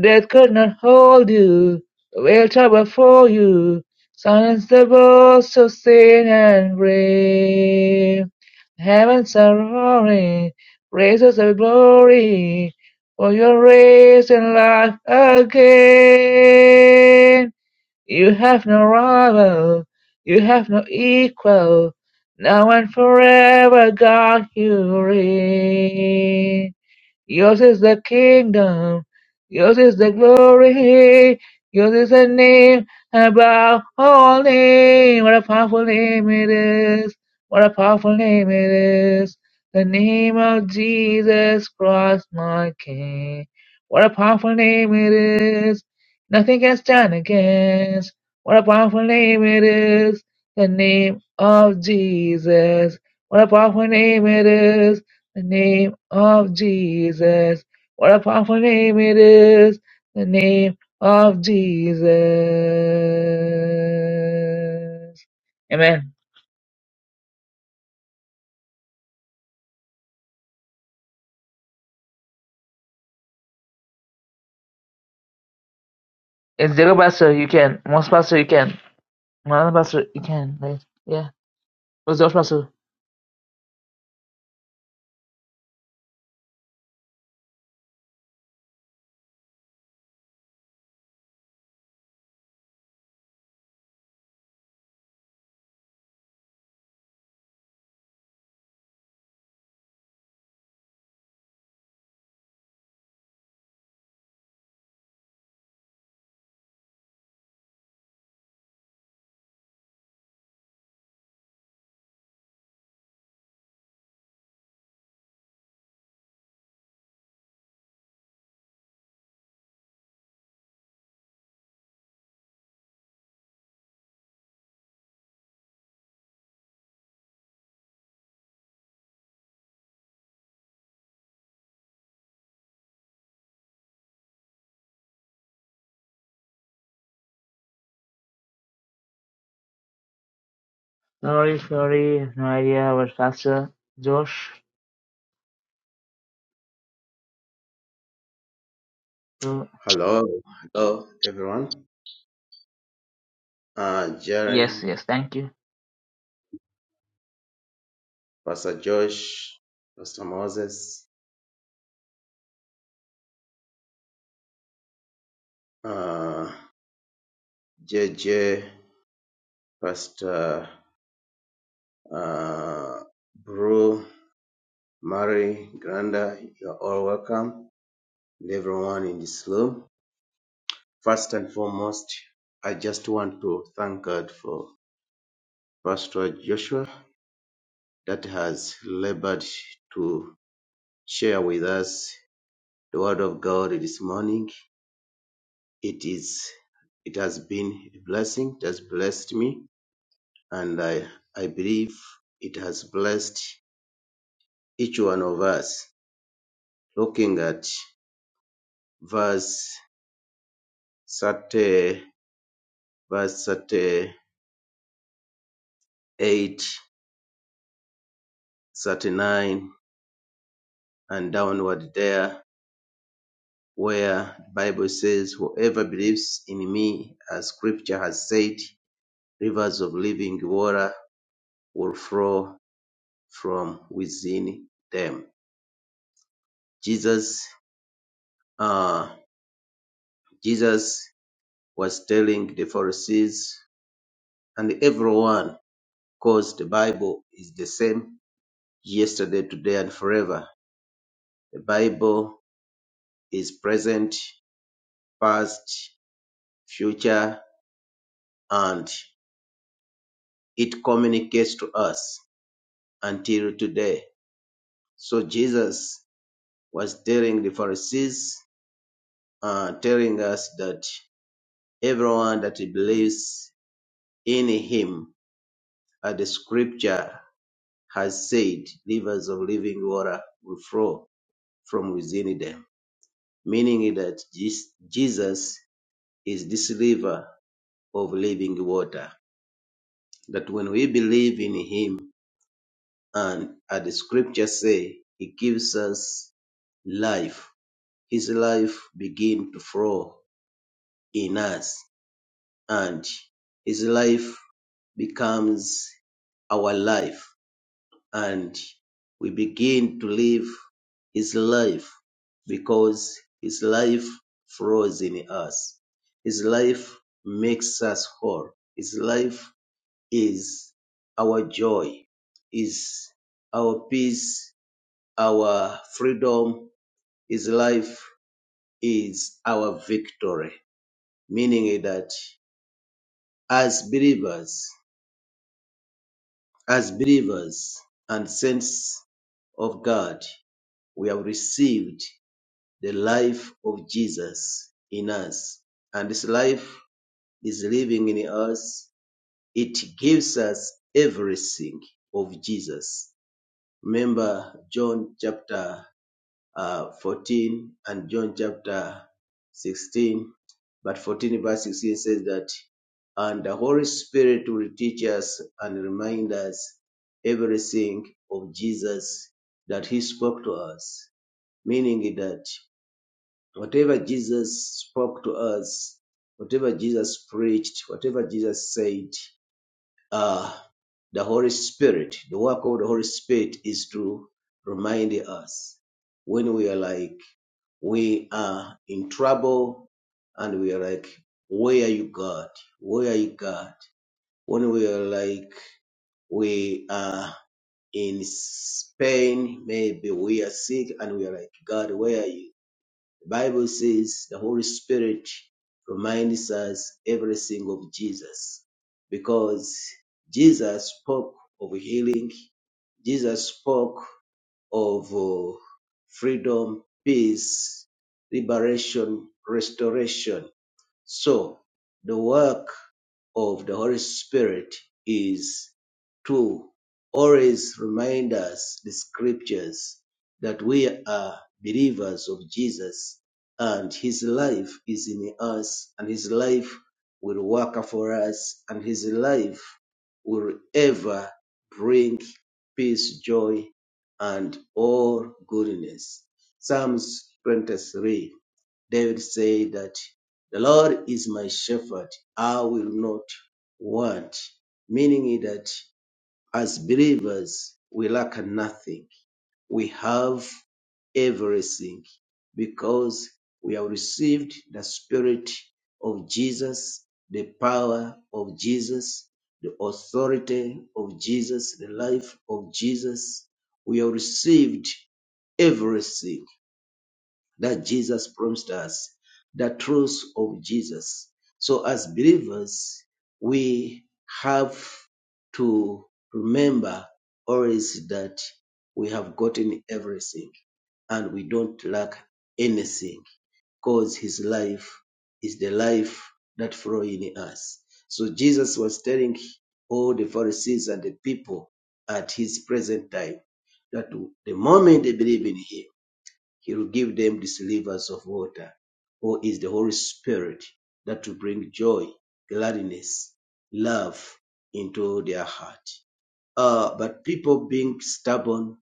Speaker 2: Death could not hold you, The will trouble for you. Silence the voice of sin and brave. Heavens are roaring, praises of glory, for your race and life again. You have no rival, you have no equal. Now and forever, God, you reign. Yours is the kingdom. Yours is the glory. Yours is the name above all name. What a powerful name it is. What a powerful name it is. The name of Jesus Christ, my King. What a powerful name it is. Nothing can stand against. What a powerful name it is. The name of Jesus. What a powerful name it is the name of Jesus. What a powerful name it is. The name of Jesus. Amen. It's Zero Pastor, you can. Most Pastor, you can. Another Pastor, you can. Right? Yeah. Who's Josh Pastor? Sorry, sorry. No idea what Pastor. Josh. So-
Speaker 3: Hello, hello everyone. Uh,
Speaker 2: Yes,
Speaker 3: Jaren,
Speaker 2: yes. Thank you.
Speaker 3: Pastor Josh, Pastor Moses, uh, JJ, Pastor uh, Bru, Mary, Granda, you're all welcome, and everyone in this room. First and foremost, I just want to thank God for Pastor Joshua that has labored to share with us the Word of God this morning it is it has been a blessing it has blessed me and i i believe it has blessed each one of us looking at verse 30 verse thirty-eight, thirty-nine, and downward there where the bible says whoever believes in me as scripture has said rivers of living water will flow from within them jesus uh, Jesus was telling the Pharisees and everyone, because the Bible is the same yesterday, today, and forever. The Bible is present, past, future, and it communicates to us until today. So Jesus was telling the Pharisees, uh, telling us that everyone that believes in him, at the scripture has said rivers of living water will flow from within them, meaning that Jesus is this river of living water. That when we believe in him, and as the scripture say, he gives us life. His life begin to flow in us, and his life becomes our life. and we begin to live his life because his life flows in us. His life makes us whole. His life is our joy, is our peace, our freedom. His life is our victory, meaning that as believers, as believers and saints of God, we have received the life of Jesus in us. And this life is living in us. It gives us everything of Jesus. Remember John chapter uh, 14 and John chapter 16, but 14 verse 16 says that, and the Holy Spirit will teach us and remind us everything of Jesus that he spoke to us, meaning that Whatever Jesus spoke to us, whatever Jesus preached, whatever Jesus said, uh, the Holy Spirit, the work of the Holy Spirit is to remind us when we are like, we are in trouble and we are like, where are you God? Where are you God? When we are like, we are in pain, maybe we are sick and we are like, God, where are you? The Bible says the Holy Spirit reminds us everything of Jesus because Jesus spoke of healing, Jesus spoke of uh, freedom, peace, liberation, restoration. So, the work of the Holy Spirit is to always remind us the scriptures that we are believers of Jesus and his life is in us and his life will work for us and his life will ever bring peace, joy, and all goodness. Psalms 23 David said that the Lord is my shepherd, I will not want. Meaning that as believers, we lack nothing. We have everything because we have received the Spirit of Jesus, the power of Jesus, the authority of Jesus, the life of Jesus. We have received everything that Jesus promised us, the truth of Jesus. So, as believers, we have to remember always that we have gotten everything and we don't lack anything because His life is the life that flows in us. So, Jesus was telling all the Pharisees and the people at His present time that the moment they believe in Him, he will give them the slivers of water, who is the Holy Spirit that will bring joy, gladness, love into their heart. Uh, but people being stubborn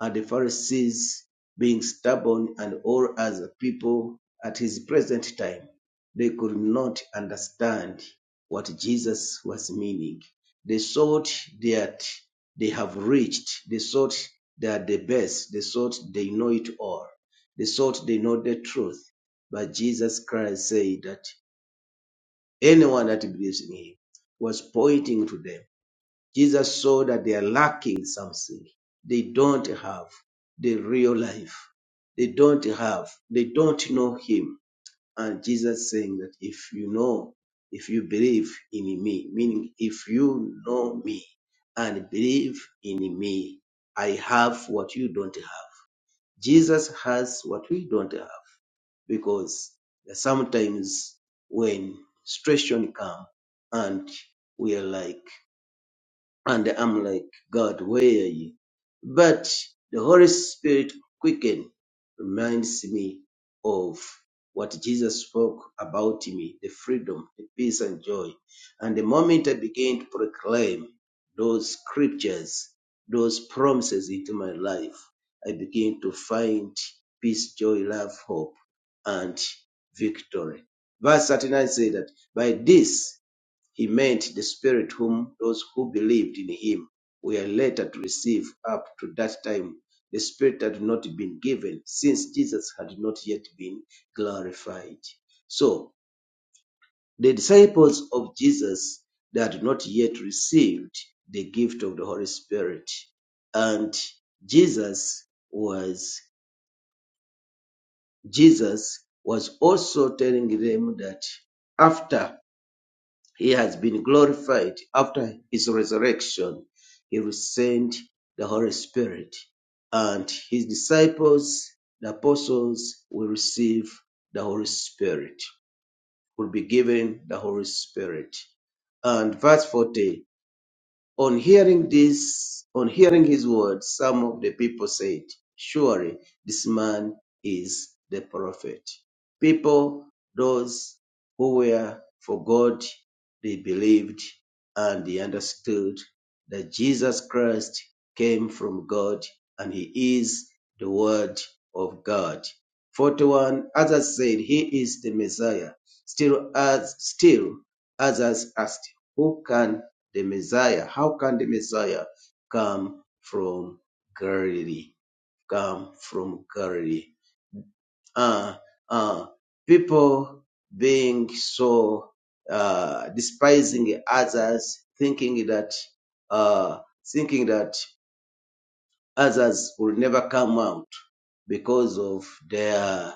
Speaker 3: and the Pharisees being stubborn and all other people at his present time, they could not understand what Jesus was meaning. They thought that they have reached, they thought they are the best, they thought they know it all, they thought they know the truth. But Jesus Christ said that anyone that believes in him was pointing to them Jesus saw that they are lacking something. They don't have the real life. They don't have, they don't know him. And Jesus saying that if you know, if you believe in me, meaning if you know me and believe in me, I have what you don't have. Jesus has what we don't have because sometimes when situation come and we are like and I'm like, God, where are you? But the Holy Spirit quicken reminds me of what Jesus spoke about me, the freedom, the peace and joy. And the moment I began to proclaim those scriptures, those promises into my life, I began to find peace, joy, love, hope, and victory. Verse 39 says that by this he meant the Spirit whom those who believed in him were later to receive up to that time, the Spirit had not been given since Jesus had not yet been glorified. So, the disciples of Jesus they had not yet received the gift of the Holy Spirit. And Jesus was Jesus was also telling them that after. He has been glorified after his resurrection. He sent the Holy Spirit, and his disciples, the apostles, will receive the Holy Spirit, will be given the Holy Spirit. And verse 40 on hearing this, on hearing his words, some of the people said, Surely this man is the prophet. People, those who were for God, they believed and they understood that Jesus Christ came from God and he is the word of God. 41 others said he is the Messiah. Still as still others asked, Who can the Messiah. How can the Messiah come from Galilee? Come from Galilee. Uh, uh, people being so uh, despising others, thinking that uh, thinking that Others will never come out because of their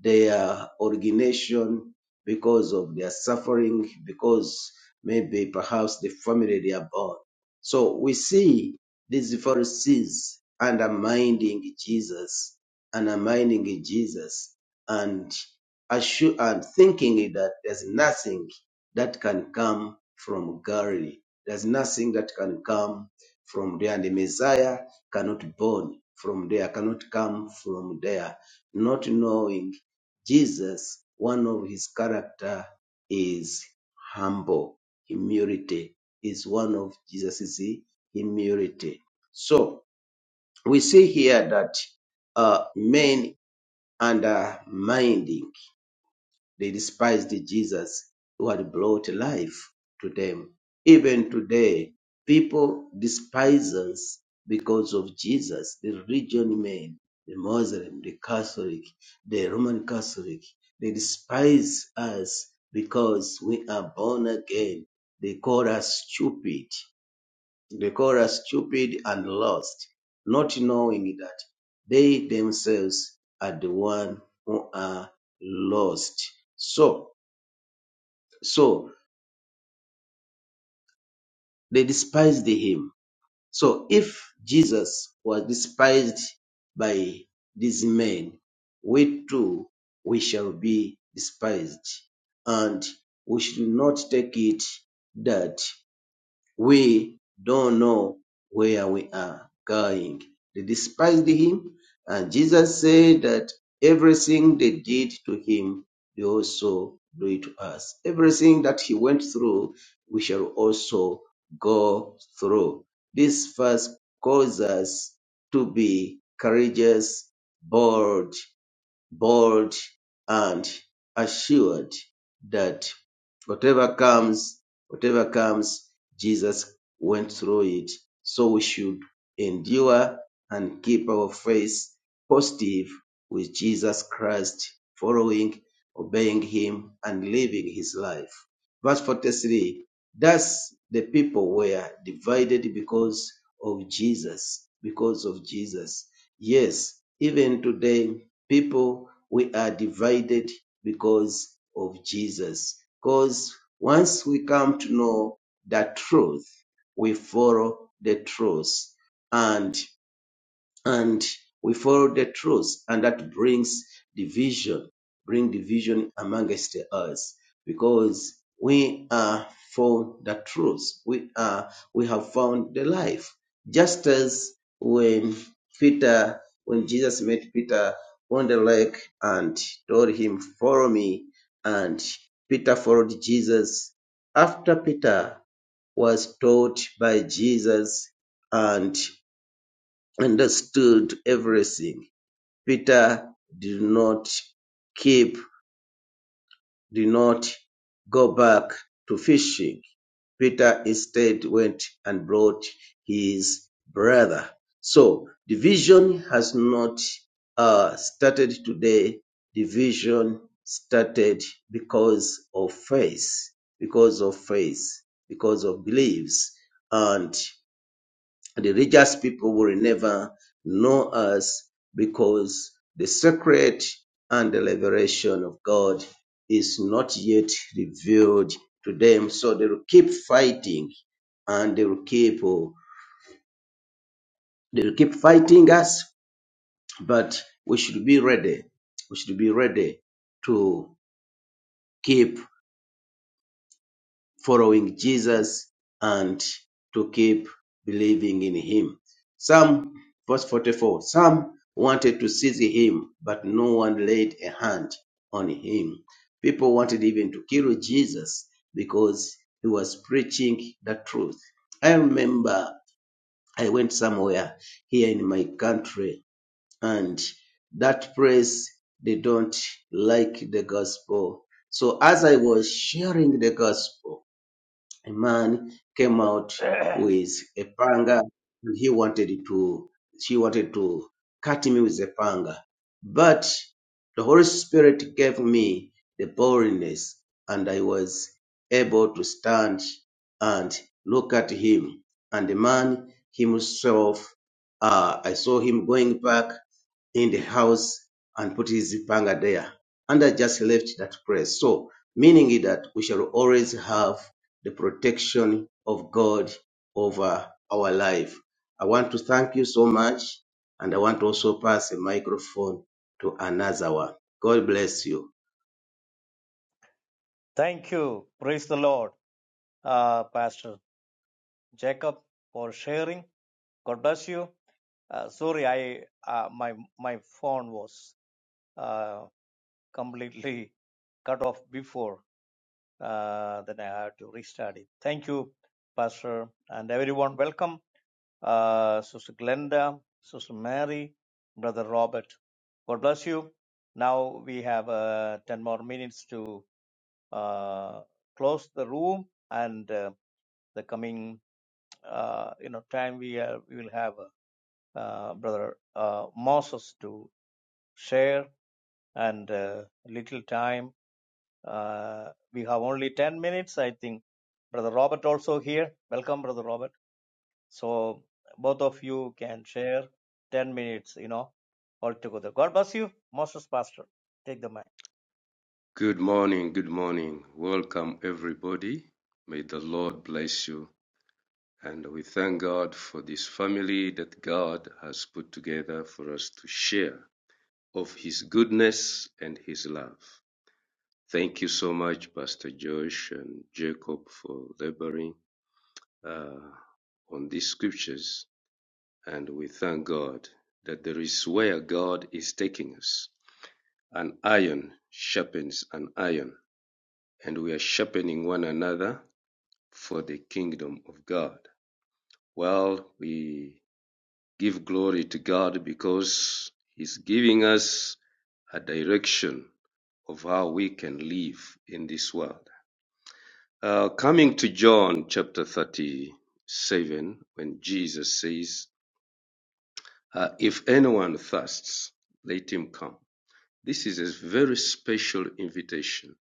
Speaker 3: their origination, because of their suffering, because maybe perhaps the family they are born. So we see these Pharisees undermining Jesus, undermining Jesus, and assu- and thinking that there's nothing that can come from Galilee. There's nothing that can come from there. And the Messiah cannot born from there, cannot come from there. Not knowing Jesus, one of his character is humble. Humility is one of Jesus' humility. So we see here that uh, men undermined they despised Jesus who had brought life to them. Even today, people despise us because of Jesus, the religion men, the Muslim, the Catholic, the Roman Catholic. They despise us because we are born again. They call us stupid. They call us stupid and lost, not knowing that they themselves are the one who are lost. So, so they despised him. So if Jesus was despised by these men, we too, we shall be despised. And we should not take it that We don't know where we are going. They despised him, and Jesus said that everything they did to him, they also do it to us. Everything that he went through, we shall also go through. This verse calls us to be courageous, bold, bold and assured that whatever comes, whatever comes, Jesus went through it. So we should endure and keep our faith positive with Jesus Christ, following, obeying him, and living his life. Verse 43 Thus the people were divided because of Jesus, because of Jesus. Yes, even today, people we are divided because of Jesus. Because once we come to know the truth, we follow the truth. and and we follow the truth and that brings division bring division amongst us because we are for the truth we are we have found the life just as when peter when jesus met peter on the lake and told him follow me and peter followed jesus after peter was taught by jesus and understood everything. Peter did not keep, did not go back to fishing. Peter instead went and brought his brother. So division has not uh, started today. Division started because of faith, because of faith, because of beliefs, and the religious people will never know us because the secret and the liberation of God is not yet revealed to them. So they will keep fighting and they will keep oh, they will keep fighting us, but we should be ready. We should be ready to keep following Jesus and to keep believing in him. Some, verse 44, some wanted to seize him, but no one laid a hand on him. People wanted even to kill Jesus because he was preaching the truth. I remember I went somewhere here in my country and that place they don't like the gospel. So as I was sharing the gospel, a man came out with a panga and he wanted to she wanted to cut me with the panga but the holy spirit gave me the boldness and i was able to stand and look at him and the man himself uh, i saw him going back in the house and put his panga there and i just left that place so meaning that we shall always have the protection of God over our life. I want to thank you so much, and I want to also pass a microphone to Anazawa. God bless you.
Speaker 1: Thank you. Praise the Lord, uh, Pastor Jacob, for sharing. God bless you. Uh, sorry, I uh, my my phone was. uh, completely cut off before. Uh, then I had to restart it. Thank you, Pastor, and everyone. Welcome, uh, Sister Glenda, Sister Mary, Brother Robert. God bless you. Now we have uh, 10 more minutes to uh, close the room and uh, the coming uh, you know time we, are, we will have uh, Brother uh, Moses to share and uh, little time Uh, we have only 10 minutes, I think. Brother Robert also here. Welcome, Brother Robert. So both of you can share 10 minutes, you know, altogether. God bless you, Moses Pastor. Take the mic.
Speaker 4: Good morning, good morning. Welcome, everybody. May the Lord bless you. And we thank God for this family that God has put together for us to share of His goodness and His love. Thank you so much, Pastor Josh and Jacob, for laboring uh, on these scriptures. And we thank God that there is where God is taking us. An iron sharpens an iron, and we are sharpening one another for the kingdom of God. Well, we give glory to God because He's giving us a direction of how we can live in this world. Uh, coming to John chapter 37, when Jesus says, uh, If anyone thirsts, let him come. This is a very special invitation,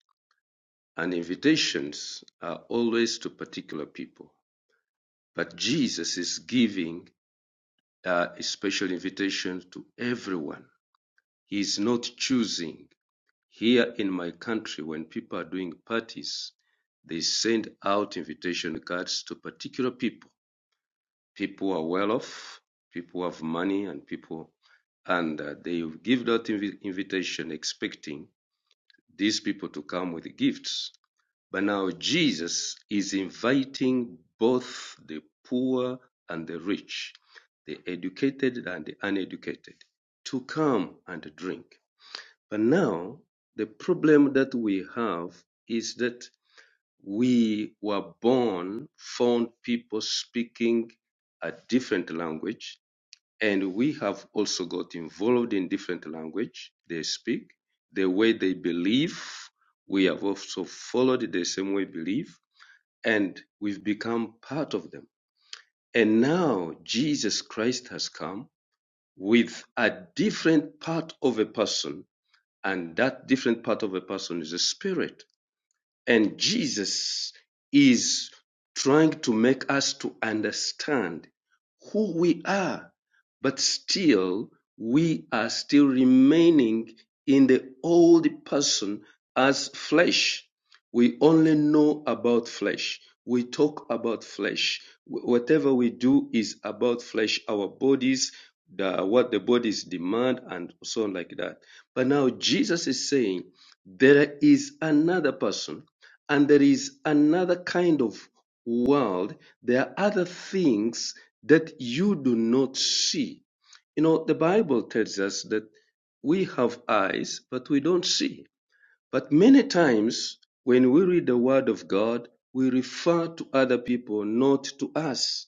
Speaker 4: and invitations are always to particular people. But Jesus is giving uh, a special invitation to everyone. He is not choosing. Here in my country, when people are doing parties, they send out invitation cards to particular people. People who are well off, people who have money, and people, and uh, they give that invi- invitation expecting these people to come with gifts but now Jesus is inviting both the poor and the rich, the educated and the uneducated, to come and drink. But now the problem that we have is that we were born, found people speaking a different language, and we have also got involved in different language they speak, the way they believe. We have also followed the same way belief and we've become part of them. And now Jesus Christ has come with a different part of a person, and that different part of a person is a spirit. And Jesus is trying to make us to understand who we are, but still we are still remaining in the old person as flesh. We only know about flesh. We talk about flesh. Wh- Whatever we do is about flesh, our bodies, the, what the bodies demand, and so on like that. But now Jesus is saying there is another person and there is another kind of world. There are other things that you do not see. You know, the Bible tells us that we have eyes, but we don't see. But many times when we read the Word of God, we refer to other people, not to us.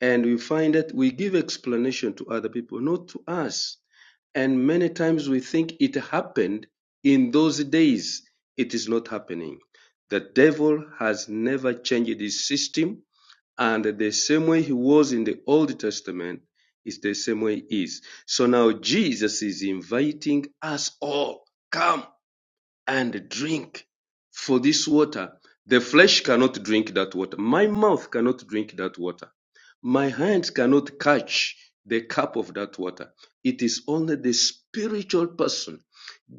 Speaker 4: And we find that we give explanation to other people, not to us. And many times we think it happened in those days. It is not happening. The devil has never changed his system, and the same way he was in the Old Testament is the same way he is. So now Jesus is inviting us all, come and drink for this water. The flesh cannot drink that water. My mouth cannot drink that water. My hands cannot catch the cup of that water. It is only the spiritual person.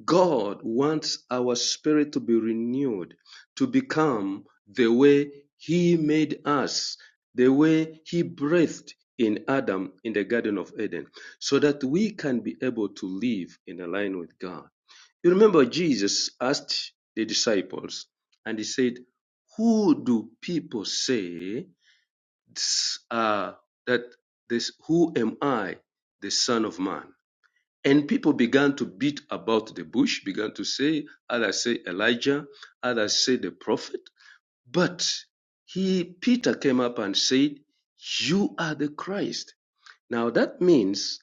Speaker 4: God wants our spirit to be renewed, to become the way He made us, the way He breathed in Adam in the Garden of Eden, so that we can be able to live in line with God. You remember Jesus asked the disciples, and he said, Who do people say this, uh, that this, who am I, the Son of Man? And people began to beat about the bush, began to say, others say Elijah, others say the prophet. But he, Peter came up and said, You are the Christ. Now that means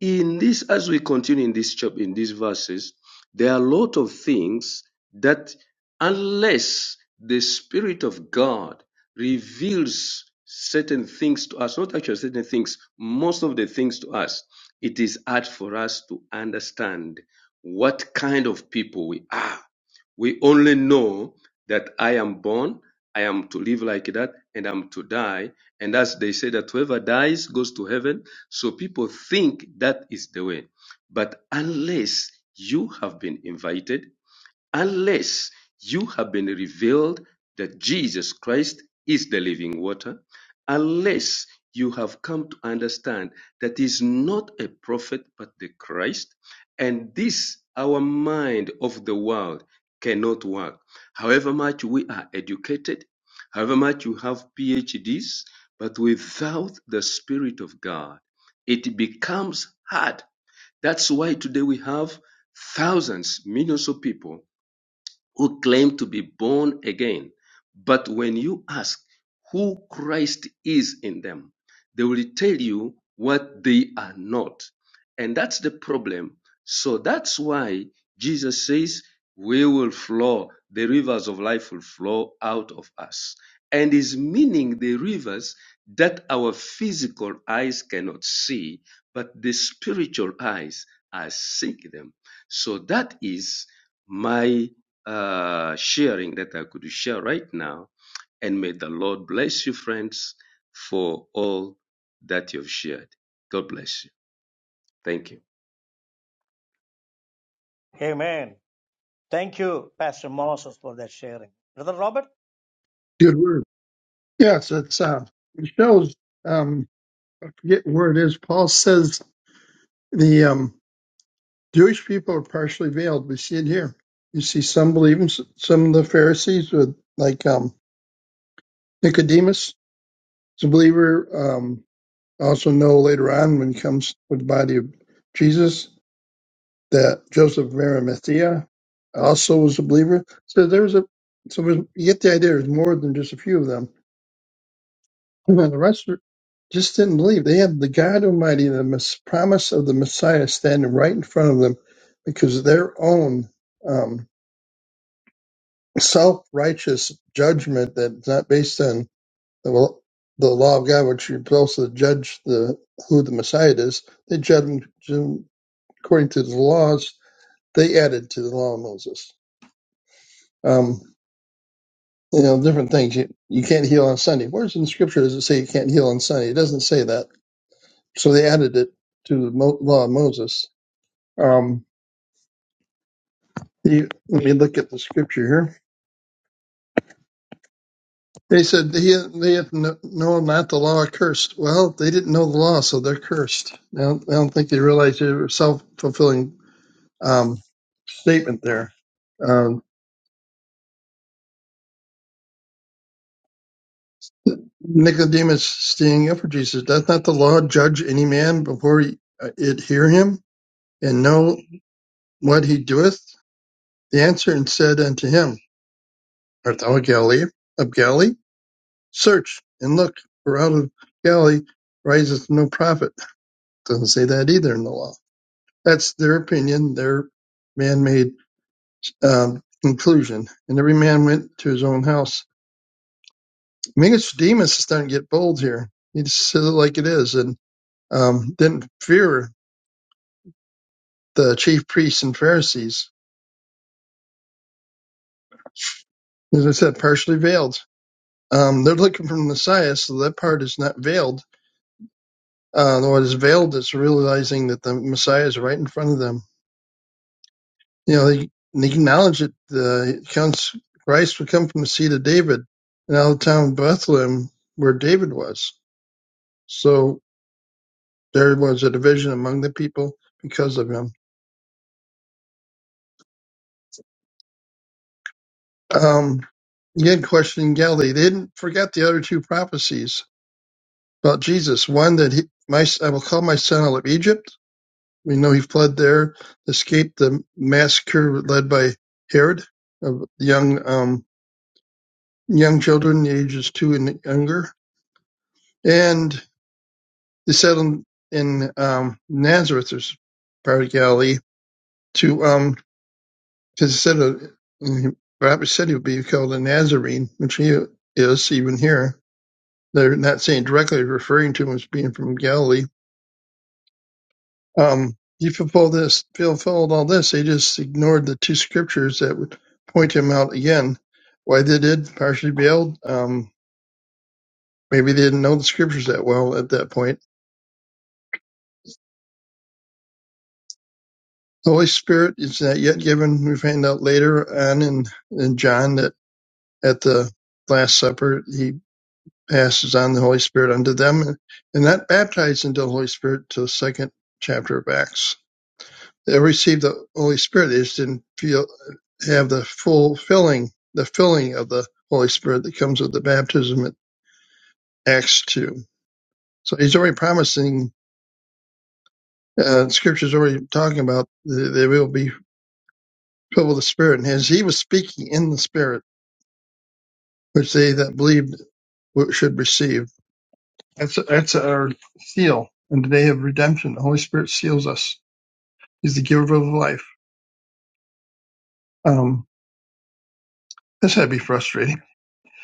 Speaker 4: in this, as we continue in this chapter, in these verses, there are a lot of things that unless the Spirit of God reveals certain things to us, not actually certain things, most of the things to us, it is hard for us to understand what kind of people we are we only know that I am born, I am to live like that, and I'm to die. And as they say that whoever dies goes to heaven. So people think that is the way. But unless you have been invited, Unless you have been revealed that Jesus Christ is the living water, unless you have come to understand that he is not a prophet but the Christ, and this our mind of the world cannot work. However much we are educated, however much you have PhDs, but without the Spirit of God, it becomes hard. That's why today we have thousands, millions of people who claim to be born again. But when you ask who Christ is in them, they will tell you what they are not. And that's the problem. So that's why Jesus says, We will flow, the rivers of life will flow out of us. And is meaning the rivers that our physical eyes cannot see, but the spiritual eyes are seeing them. So that is my uh, sharing that I could share right now. And may the Lord bless you, friends, for all that you've shared. God bless you. Thank you.
Speaker 1: Amen. Thank you, Pastor Moses, for that sharing. Brother Robert,
Speaker 5: Good word. Yes, it's uh, it shows. Um, I forget where it is. Paul says the um, Jewish people are partially veiled. We see it here. You see some believers, some of the Pharisees, with like um, Nicodemus, is a believer. Um, also know later on when he comes with the body of Jesus that Joseph of Arimathea also was a believer. So there was a so we- you get the idea. There's more than just a few of them. But the rest are- just didn't believe. They had the God Almighty, the mis- promise of the Messiah standing right in front of them because of their own um, self righteous judgment that's not based on the, will- the law of God, which you're supposed to judge the who the Messiah is. They judged him him according to the laws they added to the law of Moses. Um, you know, different things. You, you can't heal on Sunday. Where's in Scripture does it say you can't heal on Sunday? It doesn't say that So they added it to the Mo- law of Moses. Um, you, let me look at the scripture here. They said he, they have kn- known not the law cursed. Well, they didn't know the law, so they're cursed. I don't, I don't think they realized it was a self fulfilling um, statement there. Um, Nicodemus standing up for Jesus. Does not the law judge any man before he, uh, it hear him and know what he doeth? The answer and said unto him, Art thou a Galilee of Galilee? Search and look, for out of Galilee riseth no prophet. Doesn't say that either in the law. That's their opinion, their man-made um, conclusion. And every man went to his own house. Nicodemus is starting to get bold here. He just says it like it is, and um, didn't fear the chief priests and Pharisees. As I said, partially veiled. Um, they're looking for the Messiah, so that part is not veiled. Uh, what is veiled is realizing that the Messiah is right in front of them you know, they, they acknowledge that the counts Christ would come from the seed of David and out of the town of Bethlehem where David was. So there was a division among the people because of him. Um, again, questioning Galilee. They didn't forget the other two prophecies about Jesus. One that he, my, I will call my son out of Egypt. We know he fled there, escaped the massacre led by Herod of young, um, young children, ages two and younger. And They settled in um, Nazareth, or part of Galilee, to um, because it said uh, Robert said he would be called a Nazarene, which he is even here. They're not saying directly referring to him as being from Galilee. Um, he fulfilled this, fulfilled all this. They just ignored the two scriptures that would point him out again. Why they did partially bailed? Um, maybe they didn't know the scriptures that well at that point The Holy Spirit is not yet given. We find out later on in, in John that at the Last Supper, he passes on the Holy Spirit unto them and, and not baptized into the Holy Spirit till the second chapter of Acts. They received the Holy Spirit. They just didn't feel, have the full filling, the filling of the Holy Spirit that comes with the baptism at Acts 2. So he's already promising, uh, scripture's already talking about they, they will be filled with the Spirit. And as he was speaking in the Spirit, which they that believed should receive. That's that's our seal and the day of redemption. The Holy Spirit seals us. He's the giver of life. Um, this had to be frustrating.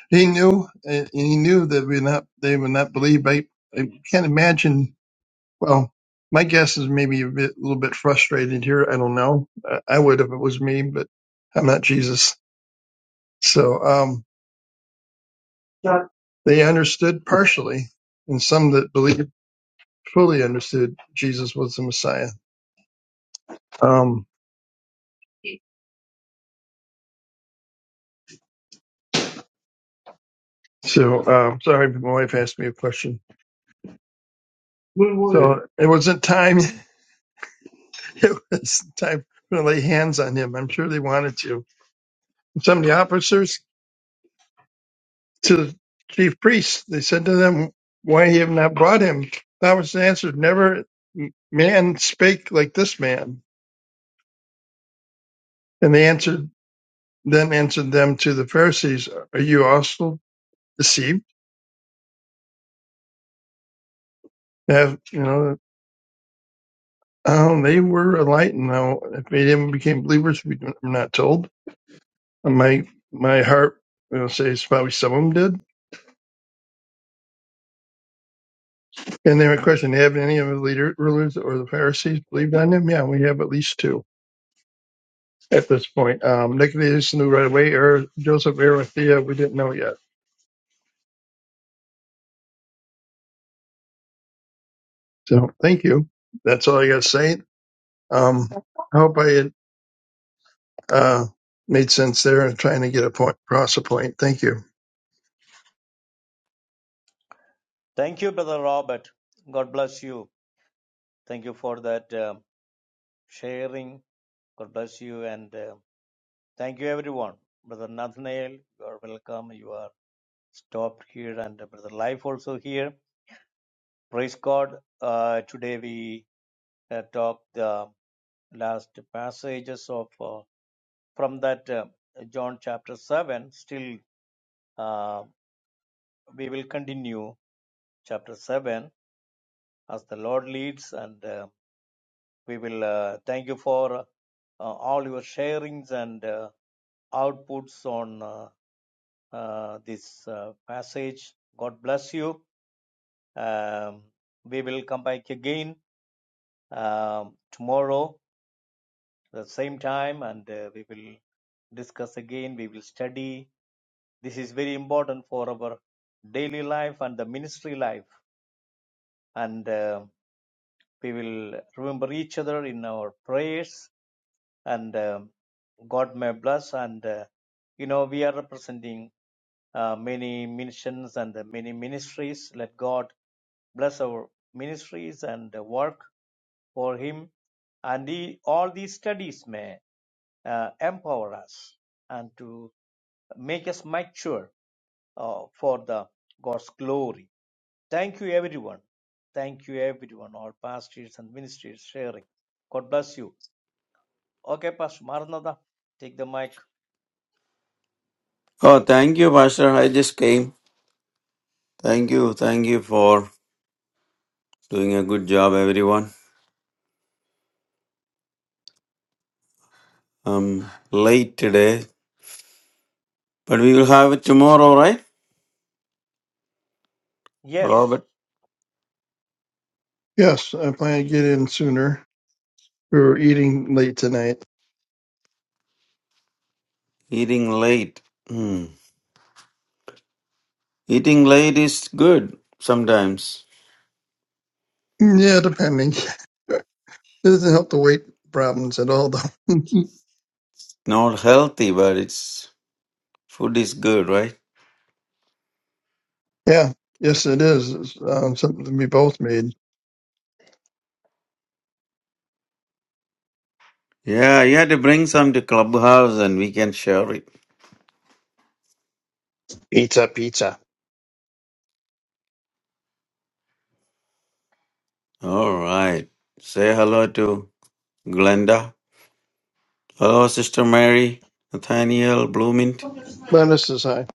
Speaker 5: He knew, and he knew that we not they would not believe. I, I can't imagine. Well, my guess is maybe a bit, a little bit frustrated here. I don't know. I, I would if it was me, but I'm not Jesus. So um, they understood partially, and some that believed fully understood Jesus was the Messiah. Um, So, uh, sorry, my wife asked me a question. What was it? So it wasn't time. It was time to lay hands on him. I'm sure they wanted to. Some of the officers to the chief priests, they said to them, "Why you have not brought him?" Thomas answered, "Never man spake like this man." And they answered, then answered them to the Pharisees, "Are you also deceived?" Have you know? Um, they were enlightened. Now, if they of them became believers, we don't- we're not told. And my my heart will know, says probably some of them did. And then my question: Have any of the leader, rulers or the Pharisees believed on him? Yeah, we have at least two at this point. Um, Nicodemus knew right away, or Joseph Arimathea, we didn't know yet. So thank you. That's all I got to say. Um, I hope I had, uh, made sense there and trying to get a point across a point. Thank you.
Speaker 1: thank you, Brother Robert. God bless you. Thank you for that um, sharing. God bless you. And um thank you, everyone. Brother Nathaniel, you are welcome. You are stopped here, and uh, Brother Life also here. Praise God. Uh, today we uh, talked the last passages of uh, from that uh, John chapter 7. Still, uh, we will continue chapter 7 as the Lord leads, and uh, we will uh, thank you for uh, all your sharings and uh, outputs on uh, uh, this uh, passage. God bless you. Um, we will come back again um, tomorrow the same time and uh, we will discuss again we will study this is very important for our daily life and the ministry life and uh, we will remember each other in our prayers and um god may bless and uh, you know we are representing uh, many missions and the many ministries let god bless our ministries and the work for him and he, all these studies may uh, empower us and to make us mature uh, for the God's glory. Thank you, everyone. Thank you, everyone, all pastors and ministers sharing. God bless you. Okay, Pastor Maranatha, take the mic.
Speaker 6: Oh, thank you, Pastor. I just came. Thank you. Thank you for doing a good job, everyone. I'm late today, but we will have it tomorrow, right?
Speaker 1: Yes.
Speaker 6: Robert,
Speaker 5: Yes, I plan to get in sooner. We were eating late tonight.
Speaker 6: eating late. Hmm. Eating late is good sometimes.
Speaker 5: Yeah, depending. It doesn't help the weight problems at all, though.
Speaker 6: Not healthy, but it's food is good, right?
Speaker 5: Yeah, yes, it is. It's um, something we both made.
Speaker 6: Yeah, you had to bring some to Clubhouse and we can share it.
Speaker 5: Pizza, pizza.
Speaker 6: All right. Say hello to Glenda. Hello, Sister Mary, Nathaniel, Bloomint.
Speaker 5: Glennis is high.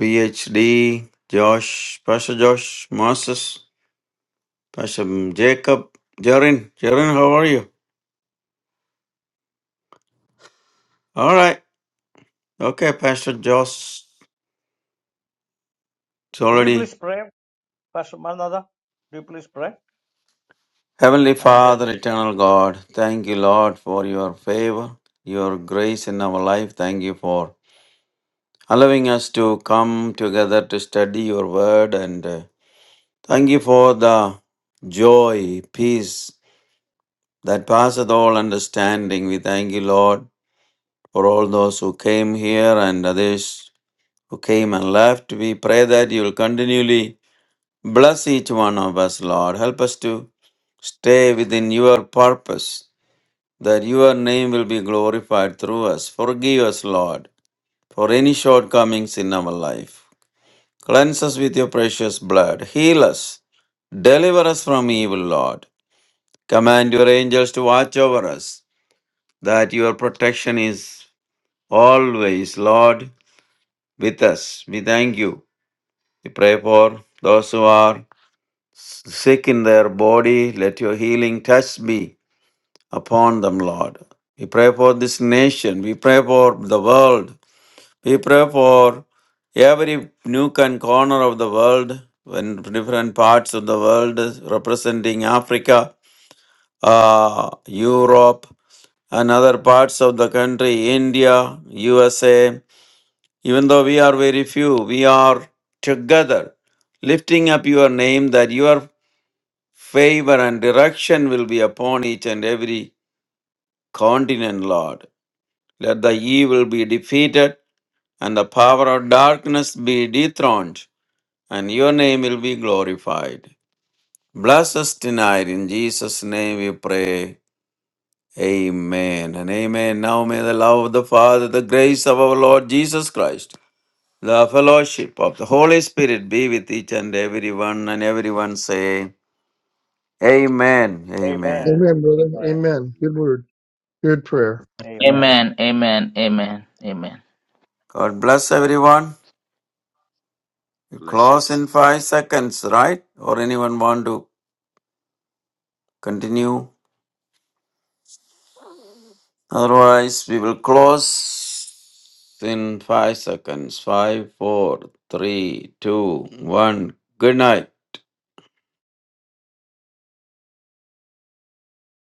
Speaker 6: PhD, Josh, Pastor Josh, Moses, Pastor Jacob, Jarin. Jarin, how are you? All right. Okay, Pastor Josh. It's
Speaker 1: Would you
Speaker 6: already.
Speaker 1: please pray, Pastor Maranatha? Would you please pray?
Speaker 6: Heavenly
Speaker 1: And uh,
Speaker 6: Father, eternal God, thank you, Lord, for your favor, your grace in our life. Thank you for allowing us to come together to study your word. And uh, thank you for the joy, peace that passeth all understanding. We thank you, Lord for all those who came here and others who came and left. We pray that you will continually bless each one of us, Lord. Help us to stay within your purpose, that your name will be glorified through us. Forgive us, Lord, for any shortcomings in our life. Cleanse us with your precious blood. Heal us. Deliver us from evil, Lord. Command your angels to watch over us, that your protection is always, Lord with us. We thank you. We pray for those who are sick in their body. Let your healing touch be upon them, Lord. We pray for this nation. We pray for the world. We pray for every nook and corner of the world, when different parts of the world representing Africa, uh, Europe, and other parts of the country, India, USA. Even though we are very few, we are together, lifting up your name that your favor and direction will be upon each and every continent, Lord. Let the evil be defeated and the power of darkness be dethroned, and your name will be glorified. Bless us tonight. In Jesus' name we pray. Amen and amen. Now may the love of the Father, the grace of our Lord Jesus Christ The fellowship of the Holy Spirit be with each and everyone, and everyone say, Amen,
Speaker 1: Amen.
Speaker 6: Amen.
Speaker 5: Amen, brother.
Speaker 1: Amen.
Speaker 4: Amen.
Speaker 5: Amen. Good
Speaker 4: Amen.
Speaker 5: word. Good prayer.
Speaker 4: Amen.
Speaker 1: Amen.
Speaker 2: Amen, amen, amen, amen.
Speaker 6: God bless everyone. You
Speaker 4: Bless you
Speaker 6: close
Speaker 4: too.
Speaker 6: in five seconds, right? Or anyone want to continue? Otherwise, we will close in five seconds. Five, four, three, two, one. Good night.